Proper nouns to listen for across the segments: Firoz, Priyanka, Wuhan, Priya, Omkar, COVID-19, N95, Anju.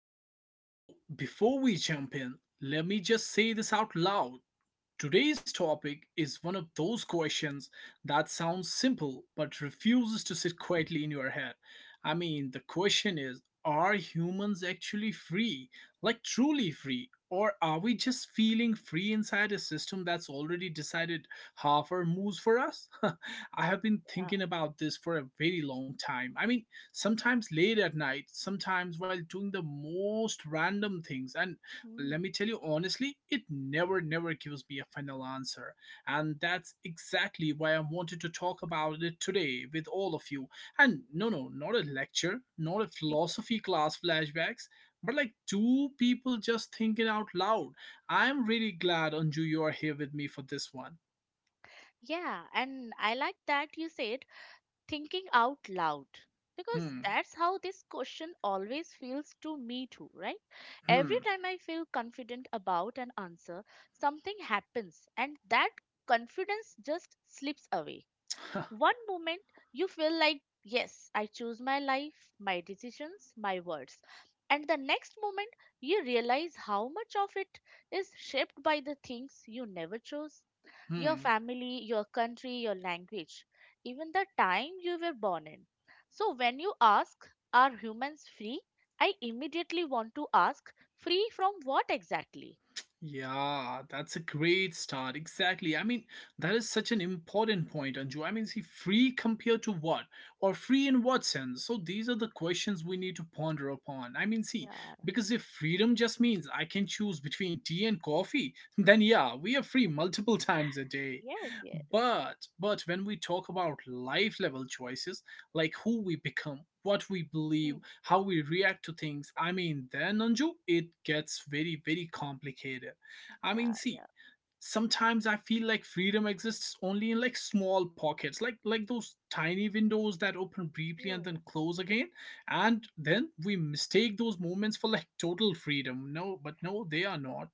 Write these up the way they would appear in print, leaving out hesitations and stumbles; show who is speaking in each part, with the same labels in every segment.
Speaker 1: gentlemen. Before we jump in, let me just say this out loud. Today's topic is one of those questions that sounds simple but refuses to sit quietly in your head. The question is, are humans actually free? Like truly free? Or are we just feeling free inside a system that's already decided how our moves for us? I have been
Speaker 2: Yeah.
Speaker 1: thinking about this for a very long time. Sometimes late at night, sometimes while doing the most random things, and let
Speaker 2: Mm.
Speaker 1: me tell you honestly, it never, never gives me a final answer. And that's exactly why I wanted to talk about it today with all of you. And no, no, not a lecture, not a
Speaker 2: Y-
Speaker 1: philosophy class flashbacks, but like two people just thinking out loud. I'm really glad, Anju, you are here with me for this one.
Speaker 2: Yeah, and I like that you said thinking out loud because
Speaker 1: Hmm,
Speaker 2: that's how this question always feels to me too, right? Every
Speaker 1: hmm,
Speaker 2: time I feel confident about an answer, something happens and that confidence just slips away. One moment you feel like, yes, I choose my life, my decisions, my words. And the next moment you realize how much of it is shaped by the things you never chose, your
Speaker 1: hmm.
Speaker 2: family, your country, your language, even the time you were born in. So, when you ask, are humans free? I immediately want to ask, free from what exactly?
Speaker 1: Yeah, that's a great start. Exactly. That is such an important point, Anju. Free compared to what? Or free in what sense? So these are the questions we need to ponder upon. I mean, see,
Speaker 2: Yeah,
Speaker 1: because if freedom just means I can choose between tea and coffee, then yeah, we are free multiple times a day.
Speaker 2: yes, yes.
Speaker 1: But when we talk about life level choices, like who we become, what we believe,
Speaker 2: Hmm.
Speaker 1: how we react to things. Then Anju, it gets very, very complicated. I mean,
Speaker 2: Yeah,
Speaker 1: see,
Speaker 2: yeah.
Speaker 1: sometimes I feel like freedom exists only in like small pockets, like those tiny windows that open briefly
Speaker 2: You.
Speaker 1: and then close again, and then we mistake those moments for like total freedom. No, but no, they are not.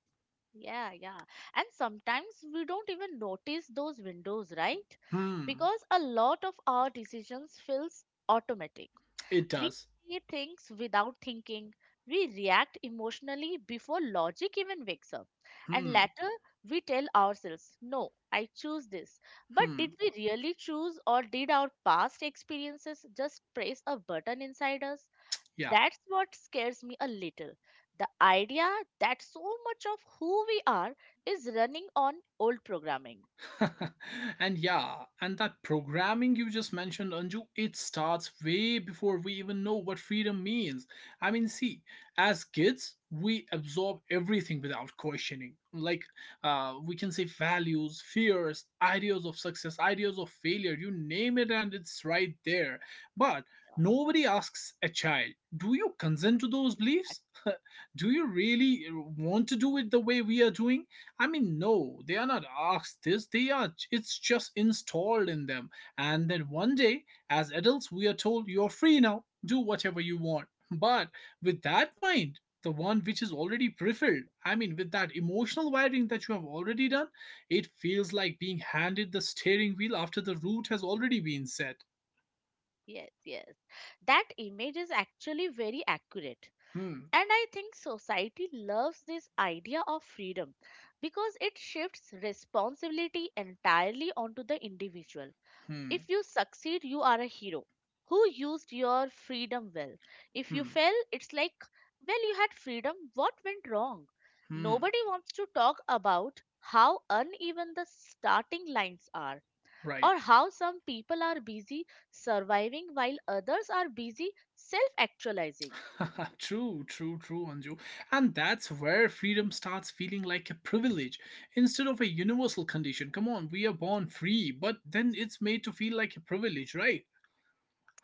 Speaker 2: Yeah, yeah. And sometimes we don't even notice those windows, right?
Speaker 1: Hmm,
Speaker 2: Because a lot of our decisions feels automatic.
Speaker 1: it
Speaker 2: We
Speaker 1: does.
Speaker 2: see things without thinking. We react emotionally before logic even wakes up. And
Speaker 1: Hmm,
Speaker 2: later, we tell ourselves, no, I choose this. But
Speaker 1: hmm.
Speaker 2: did we really choose, or did our past experiences just press a button inside us?
Speaker 1: Yeah,
Speaker 2: That's what scares me a little. The idea that so much of who we are is running on old programming.
Speaker 1: and yeah, and that programming you just mentioned, Anju, it starts way before we even know what freedom means. I mean, see, as kids, we absorb everything without questioning. Like, we can say values, fears, ideas of success, ideas of failure, you name it, and it's right there. But nobody asks a child, do you consent to those
Speaker 2: Ac-
Speaker 1: beliefs? Do you really want to do it the way we are doing? I mean, no, they are not asked this. They are. It's just installed in them. And then one day, as adults, we are told, you're free now. Do whatever you want. But with that mind, the one which is already pre-filled. With that emotional wiring that you have already done, it feels like being handed the steering wheel after the route has already been set.
Speaker 2: Yes, yes. That image is actually very accurate.
Speaker 1: Hmm.
Speaker 2: And I think society loves this idea of freedom because it shifts responsibility entirely onto the individual.
Speaker 1: Hmm.
Speaker 2: If you succeed, you are a hero who used your freedom well. If you
Speaker 1: Hmm.
Speaker 2: fail, it's like, well, you had freedom, what went wrong?
Speaker 1: Hmm.
Speaker 2: Nobody wants to talk about how uneven the starting lines are,
Speaker 1: Right.
Speaker 2: or how some people are busy surviving while others are busy self actualizing.
Speaker 1: True, true, true, Anju. And that's where freedom starts feeling like a privilege instead of a universal condition. Come on, we are born free, but then it's made to feel like a privilege, right?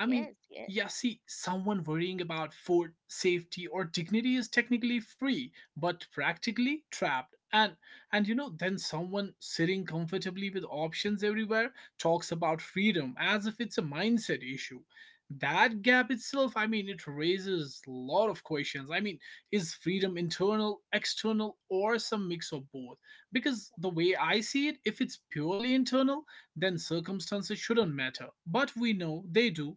Speaker 1: I mean,
Speaker 2: yes.
Speaker 1: someone worrying about food, safety, or dignity is technically free, but practically trapped. And you know, then someone sitting comfortably with options everywhere talks about freedom as if it's a mindset issue. That gap itself, I mean, it raises a lot of questions. I mean, is freedom internal, external, or some mix of both? Because the way I see it, if it's purely internal, then circumstances shouldn't matter. But we know they do.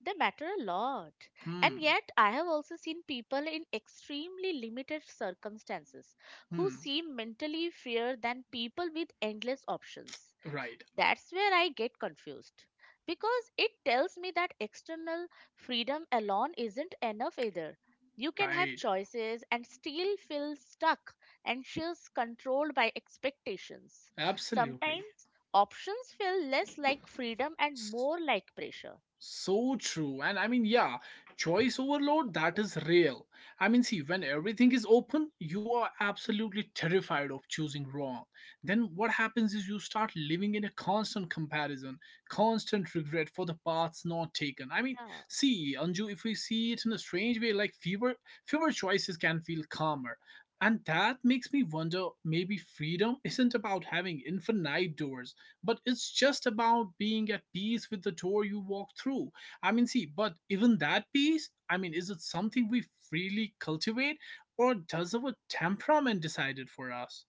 Speaker 2: They matter a lot. And
Speaker 1: Hmm.
Speaker 2: yet, I have also seen people in extremely limited circumstances who
Speaker 1: Hmm.
Speaker 2: seem mentally freer than people with endless options.
Speaker 1: Right.
Speaker 2: That's where I get confused because it tells me that external freedom alone isn't enough either. You can have
Speaker 1: Right.
Speaker 2: choices and still feel stuck, anxious, controlled by expectations.
Speaker 1: Absolutely.
Speaker 2: Sometimes options feel less like freedom and more like pressure.
Speaker 1: So true. And I mean, yeah, choice overload, that is real. When everything is open, you are absolutely terrified of choosing wrong. Then what happens is you start living in a constant comparison, constant regret for the paths not taken. Anju, if we see it in a strange way, like fewer choices can feel calmer. And that makes me wonder, maybe freedom isn't about having infinite doors but it's just about being at peace with the door you walk through. I mean see but even that peace, is it something we freely cultivate, or does our temperament decide it for us?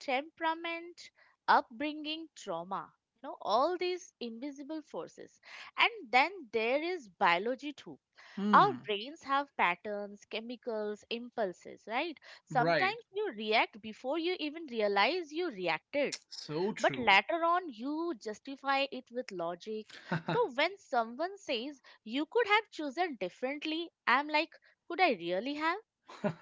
Speaker 2: Temperament, upbringing, trauma, you know, all these invisible forces. And then there is biology too. Our
Speaker 1: Hmm,
Speaker 2: brains have patterns, chemicals, impulses, right? Sometimes
Speaker 1: right,
Speaker 2: you react before you even realize you reacted,
Speaker 1: so
Speaker 2: but
Speaker 1: true.
Speaker 2: later on you justify it with logic. So when someone says you could have chosen differently, I'm like, could I really have?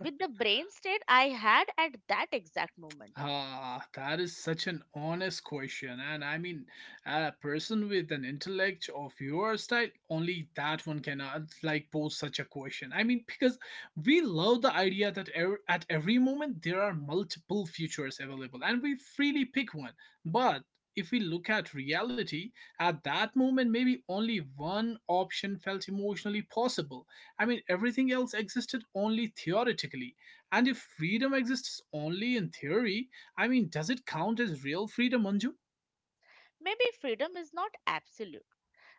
Speaker 2: With the brain state I had at that exact moment.
Speaker 1: Ah, that is such an honest question. A person with an intellect of your style, only that one cannot like pose such a question. Because we love the idea that at every moment there are multiple futures available and we freely pick one. But if we look at reality, at that moment, maybe only one option felt emotionally possible. I mean, everything else existed only theoretically and if freedom exists only in theory, I mean, does it count as real freedom, Manju?
Speaker 2: Maybe freedom is not absolute.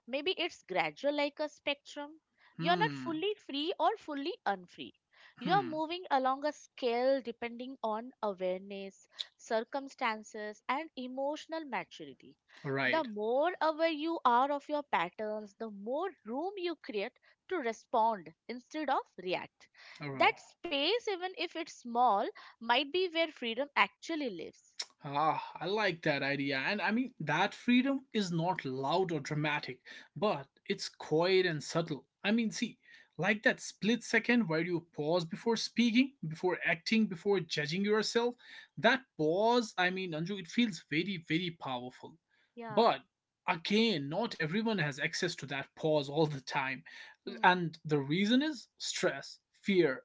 Speaker 2: Maybe it's gradual, like a spectrum. You're not
Speaker 1: Hmm,
Speaker 2: fully free or fully unfree. You're
Speaker 1: hmm,
Speaker 2: moving along a scale depending on awareness, circumstances, and emotional maturity. The
Speaker 1: right.
Speaker 2: more aware you are of your patterns, the more room you create to respond instead of react.
Speaker 1: Oh.
Speaker 2: That space, even if it's small, might be where freedom actually lives.
Speaker 1: Ah, I like that idea. That freedom is not loud or dramatic, but it's quiet and subtle. Like that split second where you pause before speaking, before acting, before judging yourself. That pause, I mean, Anju, it feels very, very powerful.
Speaker 2: Yeah.
Speaker 1: But again, not everyone has access to that pause all the time.
Speaker 2: Hmm.
Speaker 1: And the reason is stress, fear,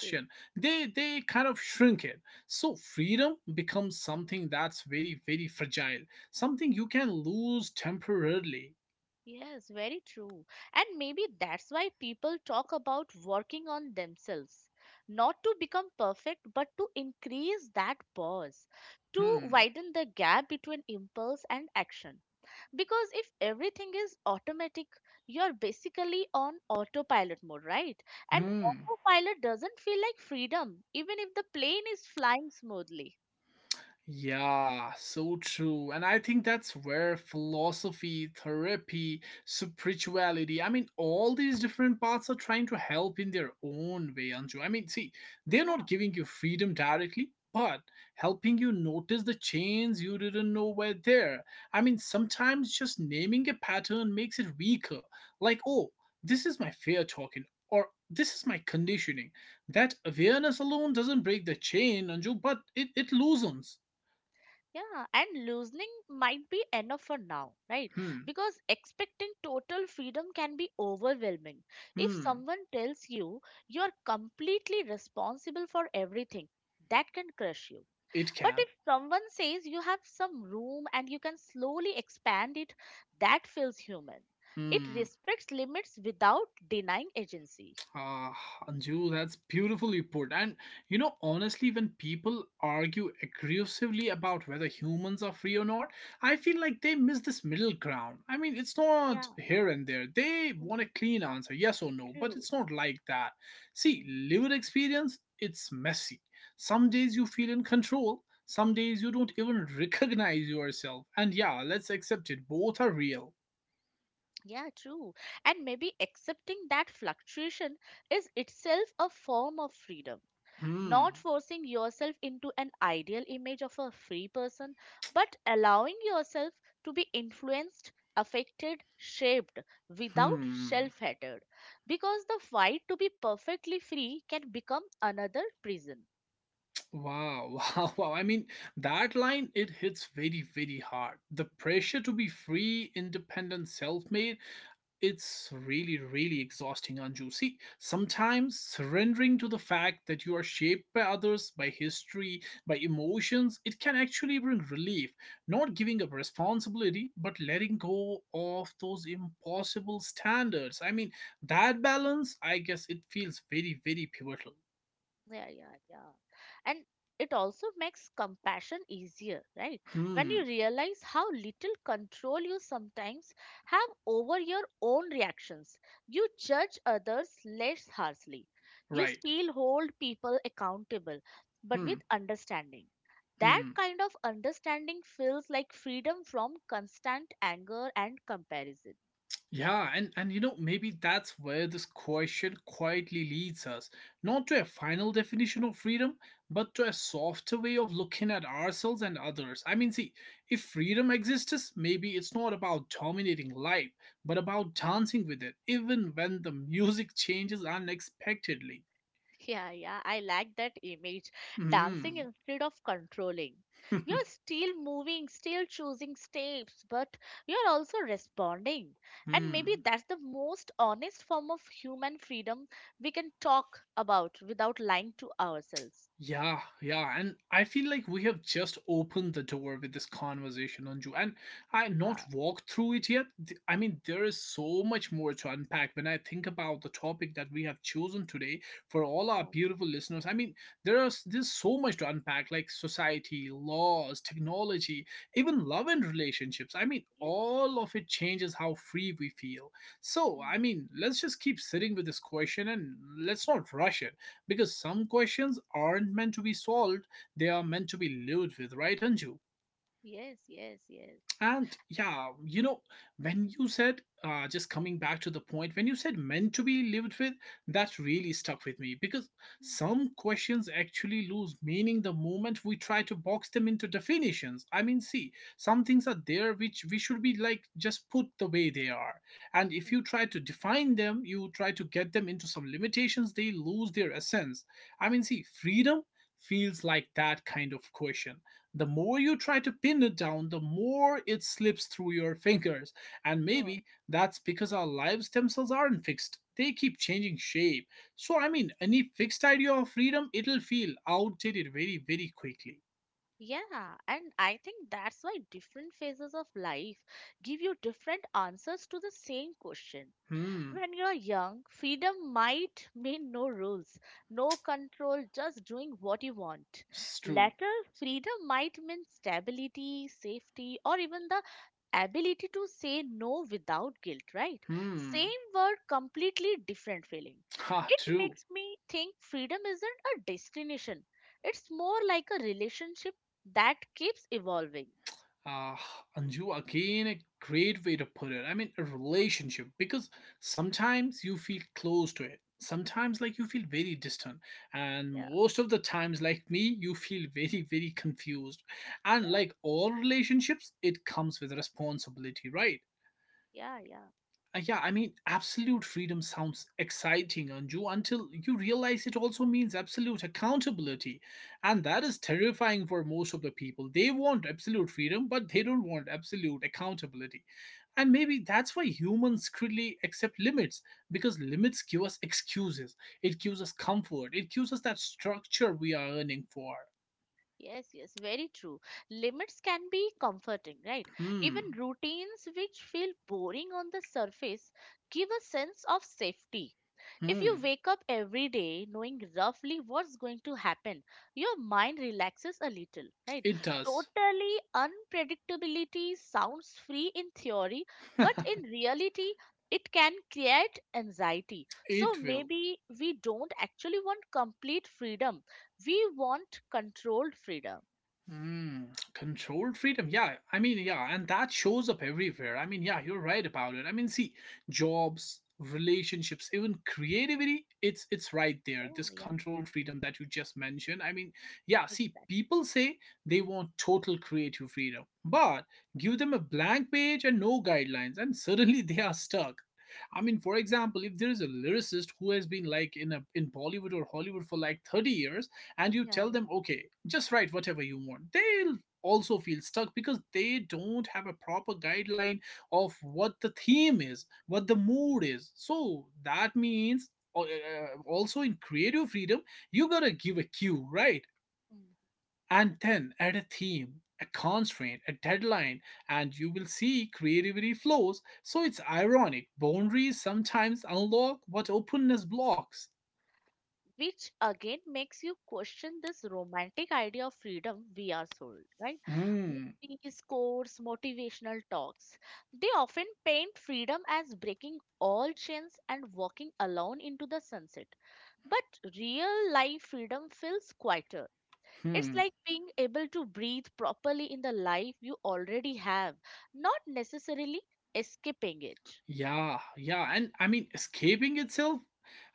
Speaker 2: True.
Speaker 1: They kind of shrink it, so freedom becomes something that's very, very fragile, something you can lose temporarily.
Speaker 2: Yes, very true. And maybe that's why people talk about working on themselves. Not to become perfect, but to increase that pause, to
Speaker 1: Hmm.
Speaker 2: widen the gap between impulse and action. Because if everything is automatic, you're basically on autopilot mode, right? And
Speaker 1: Hmm.
Speaker 2: autopilot doesn't feel like freedom, even if the plane is flying smoothly.
Speaker 1: Yeah, so true. And I think that's where philosophy, therapy, spirituality, I mean, all these different paths are trying to help in their own way, Anju. They're not
Speaker 2: Yeah.
Speaker 1: giving you freedom directly, but helping you notice the chains you didn't know were there. I mean, sometimes just naming a pattern makes it weaker. Like, oh, this is my fear talking, or this is my conditioning. That awareness alone doesn't break the chain, Anju, but it loosens.
Speaker 2: Yeah, and loosening might be enough for now, right?
Speaker 1: Hmm.
Speaker 2: Because expecting total freedom can be overwhelming. If
Speaker 1: Hmm.
Speaker 2: someone tells you you're completely responsible for everything, that can crush you.
Speaker 1: It
Speaker 2: But
Speaker 1: can.
Speaker 2: if someone says you have some room and you can slowly expand it, that feels human. It
Speaker 1: Hmm.
Speaker 2: respects limits without denying agency.
Speaker 1: Ah, Anju, that's beautifully put. And you know, honestly, when people argue aggressively about whether humans are free or not, I feel like they miss this middle ground. I mean, it's not
Speaker 2: Yeah,
Speaker 1: here and there. They want a
Speaker 2: mm,
Speaker 1: clean answer, yes or no, but
Speaker 2: true.
Speaker 1: it's not like that. See,
Speaker 2: Hmm.
Speaker 1: lived experience, it's messy. Some days you feel in control. Some days you don't even recognize yourself. And yeah, let's accept it. Both are real.
Speaker 2: Yeah, true. And maybe accepting that fluctuation is itself a form of freedom.
Speaker 1: Hmm.
Speaker 2: Not forcing yourself into an ideal image of a free person, but allowing yourself to be influenced, affected, shaped, without
Speaker 1: Hmm. Wow.
Speaker 2: self hatred. Because the fight to be perfectly free can become another prison.
Speaker 1: Wow. Wow. That line, it hits very, very hard. The pressure to be free, independent, self made, it's really, really exhausting, Anju. See, sometimes surrendering to the fact that you are shaped by others, by history, by emotions, it can actually bring relief. Not giving up responsibility, but letting go of those impossible standards. That balance, I guess, it feels very, very pivotal.
Speaker 2: Yeah, yeah, yeah. And it also makes compassion easier, right? When
Speaker 1: Hmm.
Speaker 2: you realize how little control you sometimes have over your own reactions, you judge others less harshly. You
Speaker 1: Right.
Speaker 2: still hold people accountable, but
Speaker 1: Hmm.
Speaker 2: with understanding. That
Speaker 1: Hmm.
Speaker 2: kind of understanding feels like freedom from constant anger and comparison.
Speaker 1: Yeah, and you know, maybe that's where this question quietly leads us, not to a final definition of freedom, but to a softer way of looking at ourselves and others. If freedom exists, maybe it's not about dominating life, but about dancing with it, even when the music changes unexpectedly.
Speaker 2: Yeah, yeah, I like that image. Dancing
Speaker 1: Hmm.
Speaker 2: instead of controlling. You're still moving, still choosing steps, but you're also responding. And maybe
Speaker 1: hmm.
Speaker 2: that's the most honest form of human freedom we can talk about without lying to ourselves.
Speaker 1: Yeah, yeah, and I feel like we have just opened the door with this conversation, Anju, and I not
Speaker 2: Ah,
Speaker 1: walked through it yet. I mean, there is so much more to unpack when I think about the topic that we have chosen today for all our
Speaker 2: yeah.
Speaker 1: beautiful listeners. There's so much to unpack, like society, laws, technology, even love and relationships. I mean,
Speaker 2: Yes.
Speaker 1: all of it changes how free we feel. So,
Speaker 2: Mm.
Speaker 1: I mean, let's just keep sitting with this question and let's not rush it because some questions aren't meant to be solved, they are meant to be lived with, right, Anju?
Speaker 2: Yes, yes, yes.
Speaker 1: And yeah, you know, when you said, just coming back to the point, when you said meant to be lived with, that really stuck with me because
Speaker 2: Mm,
Speaker 1: some questions actually lose meaning the moment we try to box them into definitions. Some things are there which we should be like just put the way they are. And if
Speaker 2: mm.
Speaker 1: you try to define them, you try to get them into some limitations, they lose their essence. Freedom feels like that kind of question. The more you try to pin it down, the more it slips through your fingers. And
Speaker 2: Yeah.
Speaker 1: maybe that's because our lives themselves aren't fixed. They keep changing shape. So, I mean, any fixed idea of freedom, it'll feel outdated very, very quickly.
Speaker 2: Yeah, and I think that's why different phases of life give you different answers to the same question.
Speaker 1: Hmm,
Speaker 2: When you're young, freedom might mean no rules, no control, just doing what you want.
Speaker 1: it's true.
Speaker 2: Later, freedom might mean stability, safety, or even the ability to say no without guilt, right?
Speaker 1: Hmm,
Speaker 2: Same word, completely different feeling.
Speaker 1: ha,
Speaker 2: It
Speaker 1: true.
Speaker 2: makes me think freedom isn't a destination, it's more like a relationship that keeps evolving.
Speaker 1: uh, Anju, again, a great way to put it. I mean, a relationship, because sometimes you feel close to it. Sometimes, like, you feel very distant. And
Speaker 2: Yeah,
Speaker 1: most of the times, like me, you feel very, very confused. And
Speaker 2: yeah,
Speaker 1: like all relationships, it comes with responsibility, right?
Speaker 2: yeah, yeah.
Speaker 1: Absolute freedom sounds exciting, Anju, until you realize it also means absolute accountability. And that is terrifying for most of the people. They want absolute freedom, but they don't want absolute accountability. And maybe that's why humans really accept limits, because limits give us excuses. It gives us comfort. It gives us that structure we are yearning for.
Speaker 2: Yes, yes, very true. Limits can be comforting, right? Even
Speaker 1: Hmm.
Speaker 2: routines which feel boring on the surface give a sense of safety. If you
Speaker 1: Hmm.
Speaker 2: wake up every day knowing roughly what's going to happen, your mind relaxes a little, right?
Speaker 1: It does.
Speaker 2: Totally unpredictability sounds free in theory, but in reality, it can create anxiety. So
Speaker 1: it will.
Speaker 2: maybe we don't actually want complete freedom, we want controlled freedom.
Speaker 1: Mm, Controlled freedom. Yeah, and that shows up everywhere. You're right about it. Jobs, relationships, even creativity, it's right
Speaker 2: Yeah,
Speaker 1: there. This
Speaker 2: yeah,
Speaker 1: controlled freedom that you just mentioned.
Speaker 2: exactly.
Speaker 1: People say they want total creative freedom, but give them a blank page and no guidelines, and suddenly they are stuck. For example, if there is a lyricist who has been in a in Bollywood or Hollywood for like 30 years, and you
Speaker 2: Yeah,
Speaker 1: tell
Speaker 2: yeah.
Speaker 1: them, okay, just write whatever you want, they'll also feel stuck because they don't have a proper guideline of what the theme is, what the
Speaker 2: Mm,
Speaker 1: mood is. So that means uh, uh, also in creative freedom, you gotta give a cue, right?
Speaker 2: mm.
Speaker 1: And then add a theme, a constraint, a deadline, and you will see creativity flows. So it's ironic. Boundaries sometimes unlock what openness blocks.
Speaker 2: Which again makes you question this romantic idea of freedom we are sold, right?
Speaker 1: Hmm.
Speaker 2: Movies, quotes, motivational talks. They often paint freedom as breaking all chains and walking alone into the sunset. But real life freedom feels quieter. It's
Speaker 1: Hmm.
Speaker 2: like being able to breathe properly in the life you already have, not necessarily escaping it.
Speaker 1: Yeah, yeah, and escaping itself,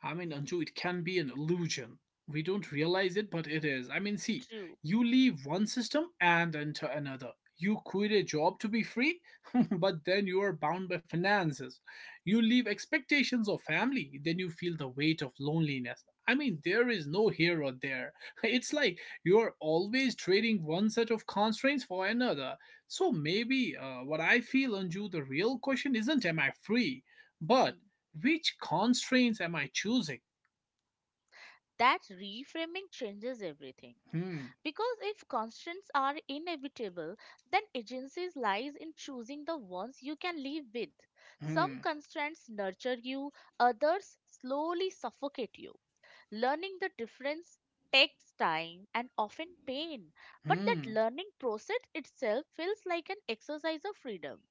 Speaker 1: Anju, it can be an illusion. We don't realize it, but it is.
Speaker 2: True.
Speaker 1: You leave one system and enter another. You quit a job to be free, but then you are bound by finances. You leave expectations of family, then you feel the weight of loneliness. There is no here or there. It's like you're always trading one set of constraints for another. So maybe what I feel, Anju, the real question isn't am I free,
Speaker 2: Hmm.
Speaker 1: but which constraints am I choosing?
Speaker 2: That reframing changes everything.
Speaker 1: Hmm,
Speaker 2: Because if constraints are inevitable, then agency lies in choosing the ones you can live with. Some
Speaker 1: hmm,
Speaker 2: constraints nurture you, others slowly suffocate you. Learning the difference takes time and often pain, but that
Speaker 1: hmm.
Speaker 2: learning process itself feels like an exercise of freedom.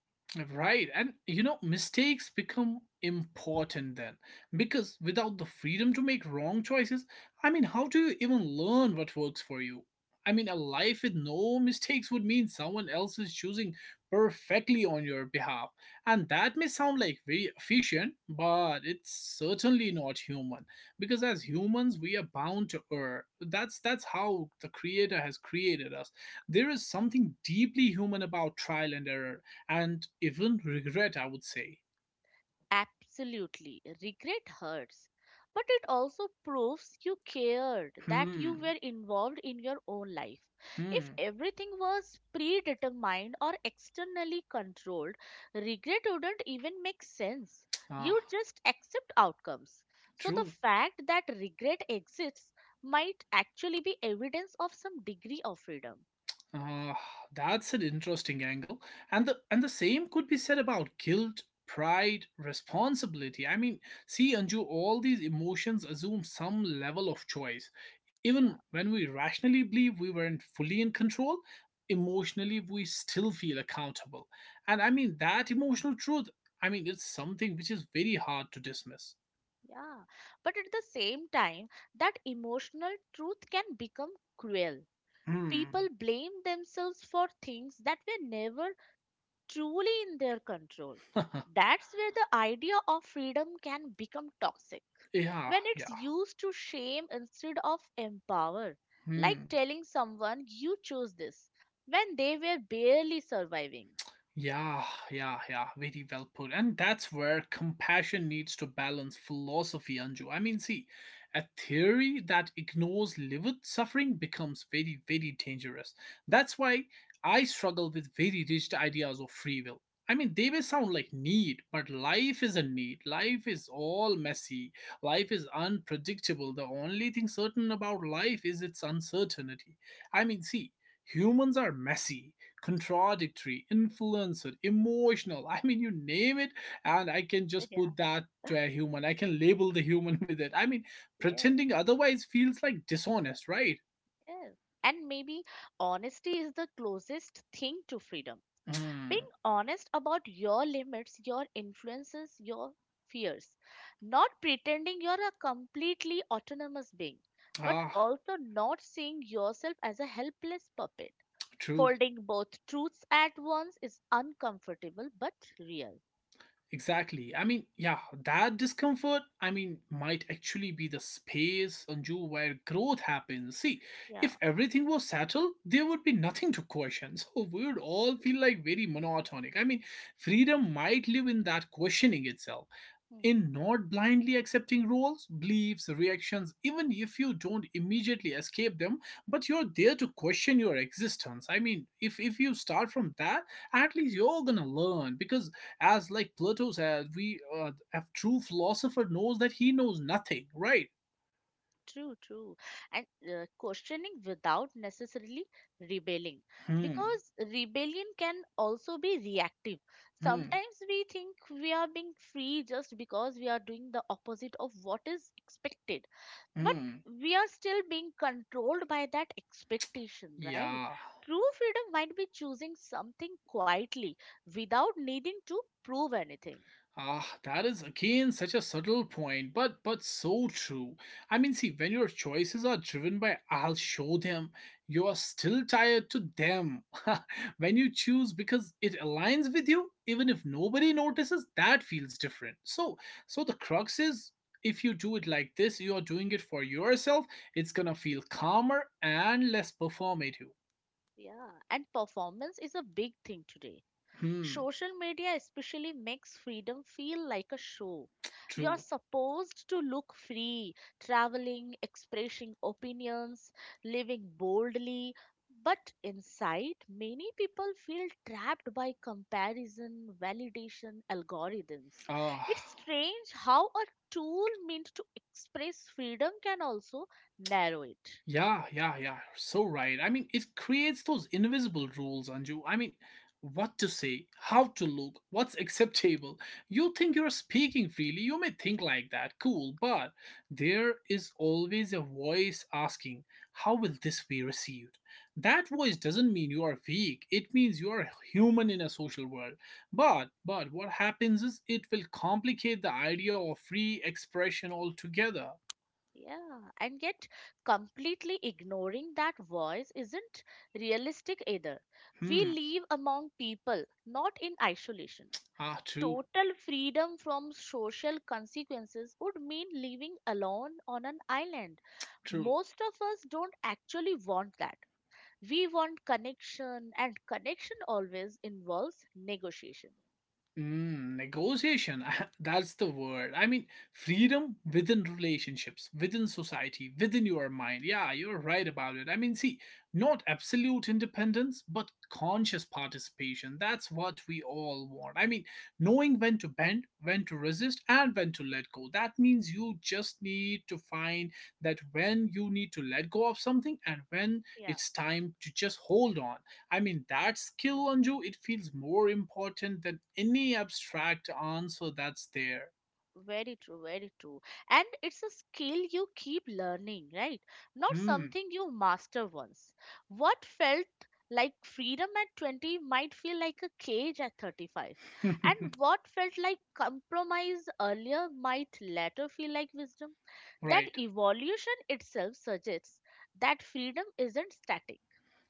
Speaker 1: Right. And you know, mistakes become important then because without the freedom to make wrong choices, how do you even learn what works for you? A life with no mistakes would mean someone else is choosing perfectly on your behalf. And that may sound like very efficient, but it's certainly not human. Because as humans, we are bound to err. That's how the creator has created us. There is something deeply human about trial and error and even regret, I would say.
Speaker 2: Absolutely. Regret hurts. But it also proves you cared, that
Speaker 1: Hmm,
Speaker 2: you were involved in your own life. If
Speaker 1: hmm,
Speaker 2: everything was predetermined or externally controlled, regret wouldn't even make sense.
Speaker 1: ah,
Speaker 2: You'd just accept outcomes. So the
Speaker 1: true.
Speaker 2: fact that regret exists might actually be evidence of some degree of freedom.
Speaker 1: Ah, that's an interesting angle. And the same could be said about guilt, pride, responsibility. Anju, all these emotions assume some level of choice.
Speaker 2: Yeah,
Speaker 1: Even when we rationally believe we weren't fully in control, emotionally we still feel accountable. And that emotional truth, it's something which is very hard to dismiss.
Speaker 2: yeah. But at the same time, that emotional truth can become cruel. People
Speaker 1: Hmm.
Speaker 2: blame themselves for things that were never truly in their control. That's where the idea of freedom can become toxic,
Speaker 1: Yeah,
Speaker 2: when it's
Speaker 1: yeah.
Speaker 2: used to shame instead of empower. Like
Speaker 1: Hmm.
Speaker 2: telling someone you chose this when they were barely surviving.
Speaker 1: Yeah, yeah, yeah. Very well put. And that's where compassion needs to balance philosophy, Anju. A theory that ignores lived suffering becomes very, very dangerous. That's why I struggle with very rigid ideas of free will. They may sound like need, but life is a need. Life is all messy. Life is unpredictable. The only thing certain about life is its uncertainty. I mean, see, Humans are messy, contradictory, influencer, emotional. You name it, and I can just put
Speaker 2: Yeah,
Speaker 1: that to a human. I can label the human with it.
Speaker 2: yeah,
Speaker 1: Pretending otherwise feels like dishonest, right?
Speaker 2: yeah. And maybe honesty is the closest thing to freedom,
Speaker 1: Mm,
Speaker 2: being honest about your limits, your influences, your fears, not pretending you're a completely autonomous being, but
Speaker 1: Ah,
Speaker 2: also not seeing yourself as a helpless puppet.
Speaker 1: true.
Speaker 2: Holding both truths at once is uncomfortable but real.
Speaker 1: Exactly. That discomfort, might actually be the space, Anju, where growth happens. See,
Speaker 2: Yeah.
Speaker 1: if everything was settled, there would be nothing to question. So we would all feel like very monotonic. Freedom might live in that questioning itself,
Speaker 2: Hmm.
Speaker 1: in not blindly accepting roles, beliefs, reactions, even if you don't immediately escape them, but you're there to question your existence. If you start from that, at least you're gonna learn because as like Plato said, we a true philosopher knows that he knows nothing, right?
Speaker 2: True, true. And questioning without necessarily rebelling.
Speaker 1: Hmm,
Speaker 2: Because rebellion can also be reactive.
Speaker 1: hmm,
Speaker 2: Sometimes we think we are being free just because we are doing the opposite of what is expected. But
Speaker 1: hmm.
Speaker 2: we are still being controlled by that expectation, right?
Speaker 1: Yeah.
Speaker 2: True freedom might be choosing something quietly without needing to prove anything.
Speaker 1: Ah, that is again such a subtle point, but so true. When your choices are driven by "I'll show them," you are still tied to them. When you choose because it aligns with you, even if nobody notices, that feels different. So the crux is, if you do it like this, you are doing it for yourself. It's gonna feel calmer and less performative.
Speaker 2: Yeah, and performance is a big thing today.
Speaker 1: Hmm,
Speaker 2: Social media especially makes freedom feel like a show. You're
Speaker 1: True.
Speaker 2: supposed to look free, traveling, expressing opinions, living boldly. But inside, many people feel trapped by comparison, validation, algorithms.
Speaker 1: Ah.
Speaker 2: It's strange how a tool meant to express freedom can also narrow it.
Speaker 1: Yeah, yeah, yeah. So right. It creates those invisible rules, Anju. What to say, how to look, what's acceptable. You think you're speaking freely, you may think like that, cool, but there is always a voice asking, how will this be received? That voice doesn't mean you are weak, it means you are human in a social world. But what happens is it will complicate the idea of free expression altogether.
Speaker 2: Yeah, and yet completely ignoring that voice isn't realistic either. We
Speaker 1: Hmm,
Speaker 2: live among people, not in isolation.
Speaker 1: ah, true,
Speaker 2: Total freedom from social consequences would mean living alone on an island.
Speaker 1: true.
Speaker 2: Most of us don't actually want that. We want connection, and connection always involves negotiation.
Speaker 1: Negotiation. That's the word. Freedom within relationships, within society, within your mind. Yeah, you're right about it. Not absolute independence, but conscious participation. That's what we all want. Knowing when to bend, when to resist, and when to let go. That means you just need to find that when you need to let go of something and when it's time to just hold on. That skill, Anju, it feels more important than any abstract answer that's there.
Speaker 2: Very true, very true. And it's a skill you keep learning, right? Not
Speaker 1: Hmm.
Speaker 2: something you master once. What felt like freedom at 20 might feel like a cage at 35. And what felt like compromise earlier might later feel like wisdom. That
Speaker 1: Right.
Speaker 2: evolution itself suggests that freedom isn't static.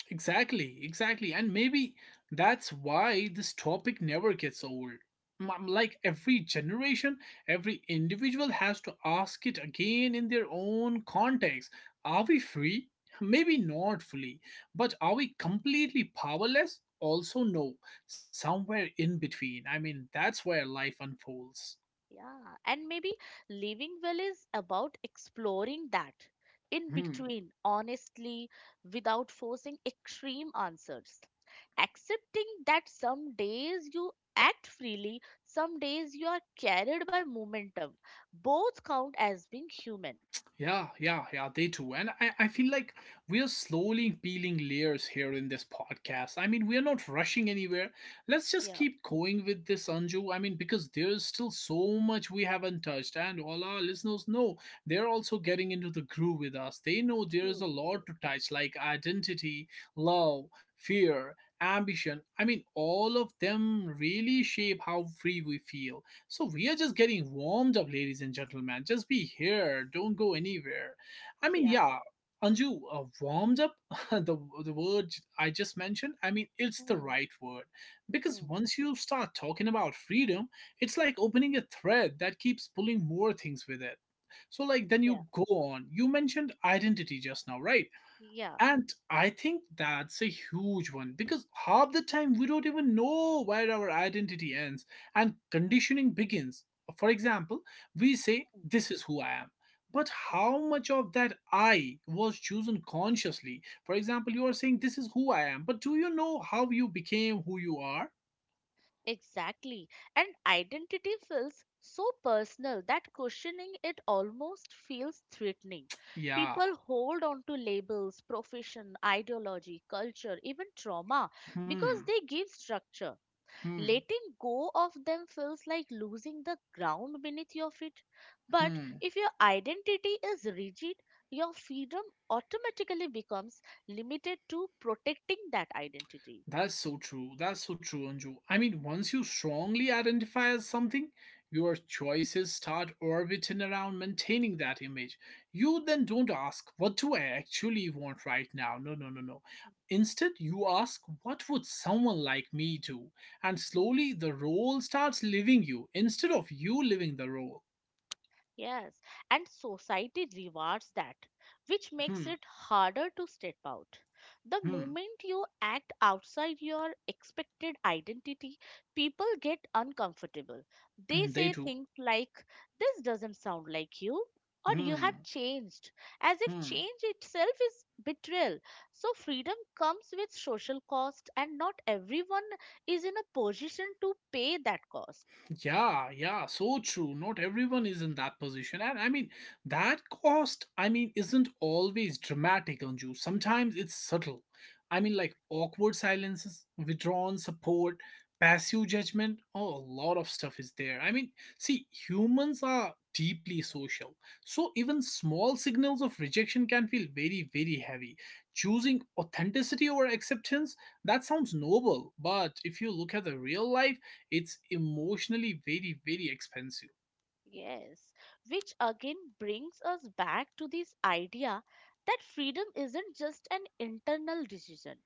Speaker 1: Exactly. Exactly. And maybe that's why this topic never gets old. Like every generation, every individual has to ask it again in their own context. Are we free? Maybe not fully. But are we completely powerless? Also, no. Somewhere in between. That's where life unfolds.
Speaker 2: Yeah, and maybe living well is about exploring that in
Speaker 1: Hmm.
Speaker 2: between, honestly, without forcing extreme answers. Accepting that some days you act freely, some days you are carried by momentum. Both count as being human.
Speaker 1: Yeah, yeah, yeah, they too. And I feel like we are slowly peeling layers here in this podcast. We are not rushing anywhere. Let's just
Speaker 2: Yeah,
Speaker 1: keep going with this, Anju. Because there's still so much we haven't touched. And all our listeners know they're also getting into the groove with us. They know there's
Speaker 2: true,
Speaker 1: a
Speaker 2: true.
Speaker 1: lot to touch, like identity, love, fear, ambition. All of them really shape how free we feel. So we are just getting warmed up, ladies and gentlemen. Just be here. Don't go anywhere. I mean,
Speaker 2: Yeah.
Speaker 1: yeah, Anju, warmed up. the the word I just mentioned. It's the
Speaker 2: Hmm,
Speaker 1: right word because
Speaker 2: hmm,
Speaker 1: once you start talking about freedom, it's like opening a thread that keeps pulling more things with it. So like, then
Speaker 2: yeah,
Speaker 1: you go on. You mentioned identity just now, right?
Speaker 2: yeah.
Speaker 1: And I think that's a huge one because half the time we don't even know where our identity ends and conditioning begins. For example, we say,
Speaker 2: Hmm,
Speaker 1: this is who I am. But
Speaker 2: yeah.
Speaker 1: how much of that I was chosen consciously? For example, you are saying, this is who I am. But do you know how you became who you are?
Speaker 2: Exactly. And identity feels so personal that questioning it almost feels threatening.
Speaker 1: Yeah.
Speaker 2: People hold on to labels, profession, ideology, culture, even trauma because
Speaker 1: Hmm.
Speaker 2: they give structure.
Speaker 1: Hmm.
Speaker 2: Letting go of them feels like losing the ground beneath your feet. But
Speaker 1: Hmm.
Speaker 2: if your identity is rigid, your freedom automatically becomes limited to protecting that identity.
Speaker 1: That's so true. That's so true, Anju. Once you strongly identify as something, your choices start orbiting around maintaining that image. You then don't ask, what do I actually want right now? No, no, no, no. Instead, you ask, what would someone like me do? And slowly, the role starts living you instead of you living the role.
Speaker 2: Yes, and society rewards that, which
Speaker 1: Hmm,
Speaker 2: makes it harder to step out. The
Speaker 1: hmm,
Speaker 2: moment you act outside your expected identity, people get uncomfortable. They
Speaker 1: they
Speaker 2: say
Speaker 1: do.
Speaker 2: things like, this doesn't sound like you, or you
Speaker 1: Hmm,
Speaker 2: have changed, as if
Speaker 1: hmm.
Speaker 2: change itself is betrayal. So, freedom comes with social cost, and not everyone is in a position to pay that cost.
Speaker 1: Yeah, yeah, so true. Not everyone is in that position. And that cost, isn't always dramatic on you. Sometimes it's subtle. Like awkward silences, withdrawn support, passive judgment. Oh, a lot of stuff is there. Humans are deeply social. So even small signals of rejection can feel very, very heavy. Choosing authenticity over acceptance, that sounds noble. But if you look at the real life, it's emotionally very, very expensive.
Speaker 2: Yes, which again brings us back to this idea that freedom isn't just an internal decision.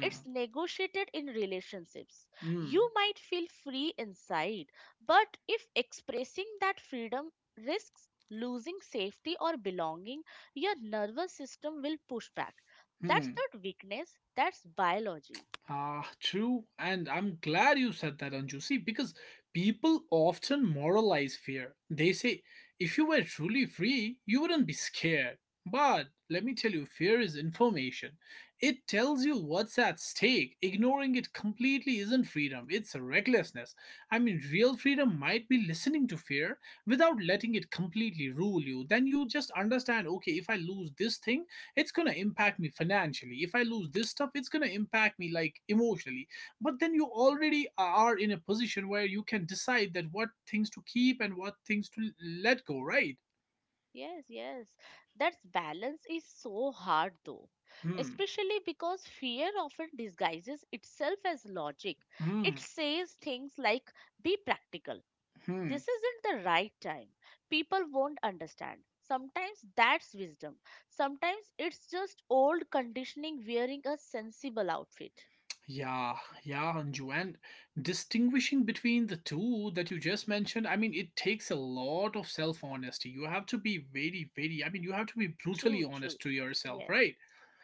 Speaker 2: It's negotiated in relationships.
Speaker 1: Hmm.
Speaker 2: You might feel free inside, but if expressing that freedom risks losing safety or belonging, your nervous system will push back. That's
Speaker 1: Hmm.
Speaker 2: not weakness, that's biology.
Speaker 1: Ah, true. And I'm glad you said that, Anju. See, because people often moralize fear. They say, if you were truly free, you wouldn't be scared. But let me tell you, fear is information. It tells you what's at stake. Ignoring it completely isn't freedom, it's recklessness. Real freedom might be listening to fear without letting it completely rule you. Then you just understand, okay, if I lose this thing, it's going to impact me financially. If I lose this stuff, it's going to impact me like emotionally, but then you already are in a position where you can decide that what things to keep and what things to let go, right?
Speaker 2: Yes, yes. That balance is so hard though,
Speaker 1: hmm
Speaker 2: especially because fear often disguises itself as logic. It
Speaker 1: hmm
Speaker 2: says things like, be practical.
Speaker 1: hmm
Speaker 2: This isn't the right time. People won't understand. Sometimes that's wisdom. Sometimes it's just old conditioning wearing a sensible outfit.
Speaker 1: yeah, yeah, Anju, and distinguishing between the two that you just mentioned, it takes a lot of self honesty. You have to be very, very, you have to be brutally
Speaker 2: True, true.
Speaker 1: honest to yourself,
Speaker 2: Yes,
Speaker 1: right?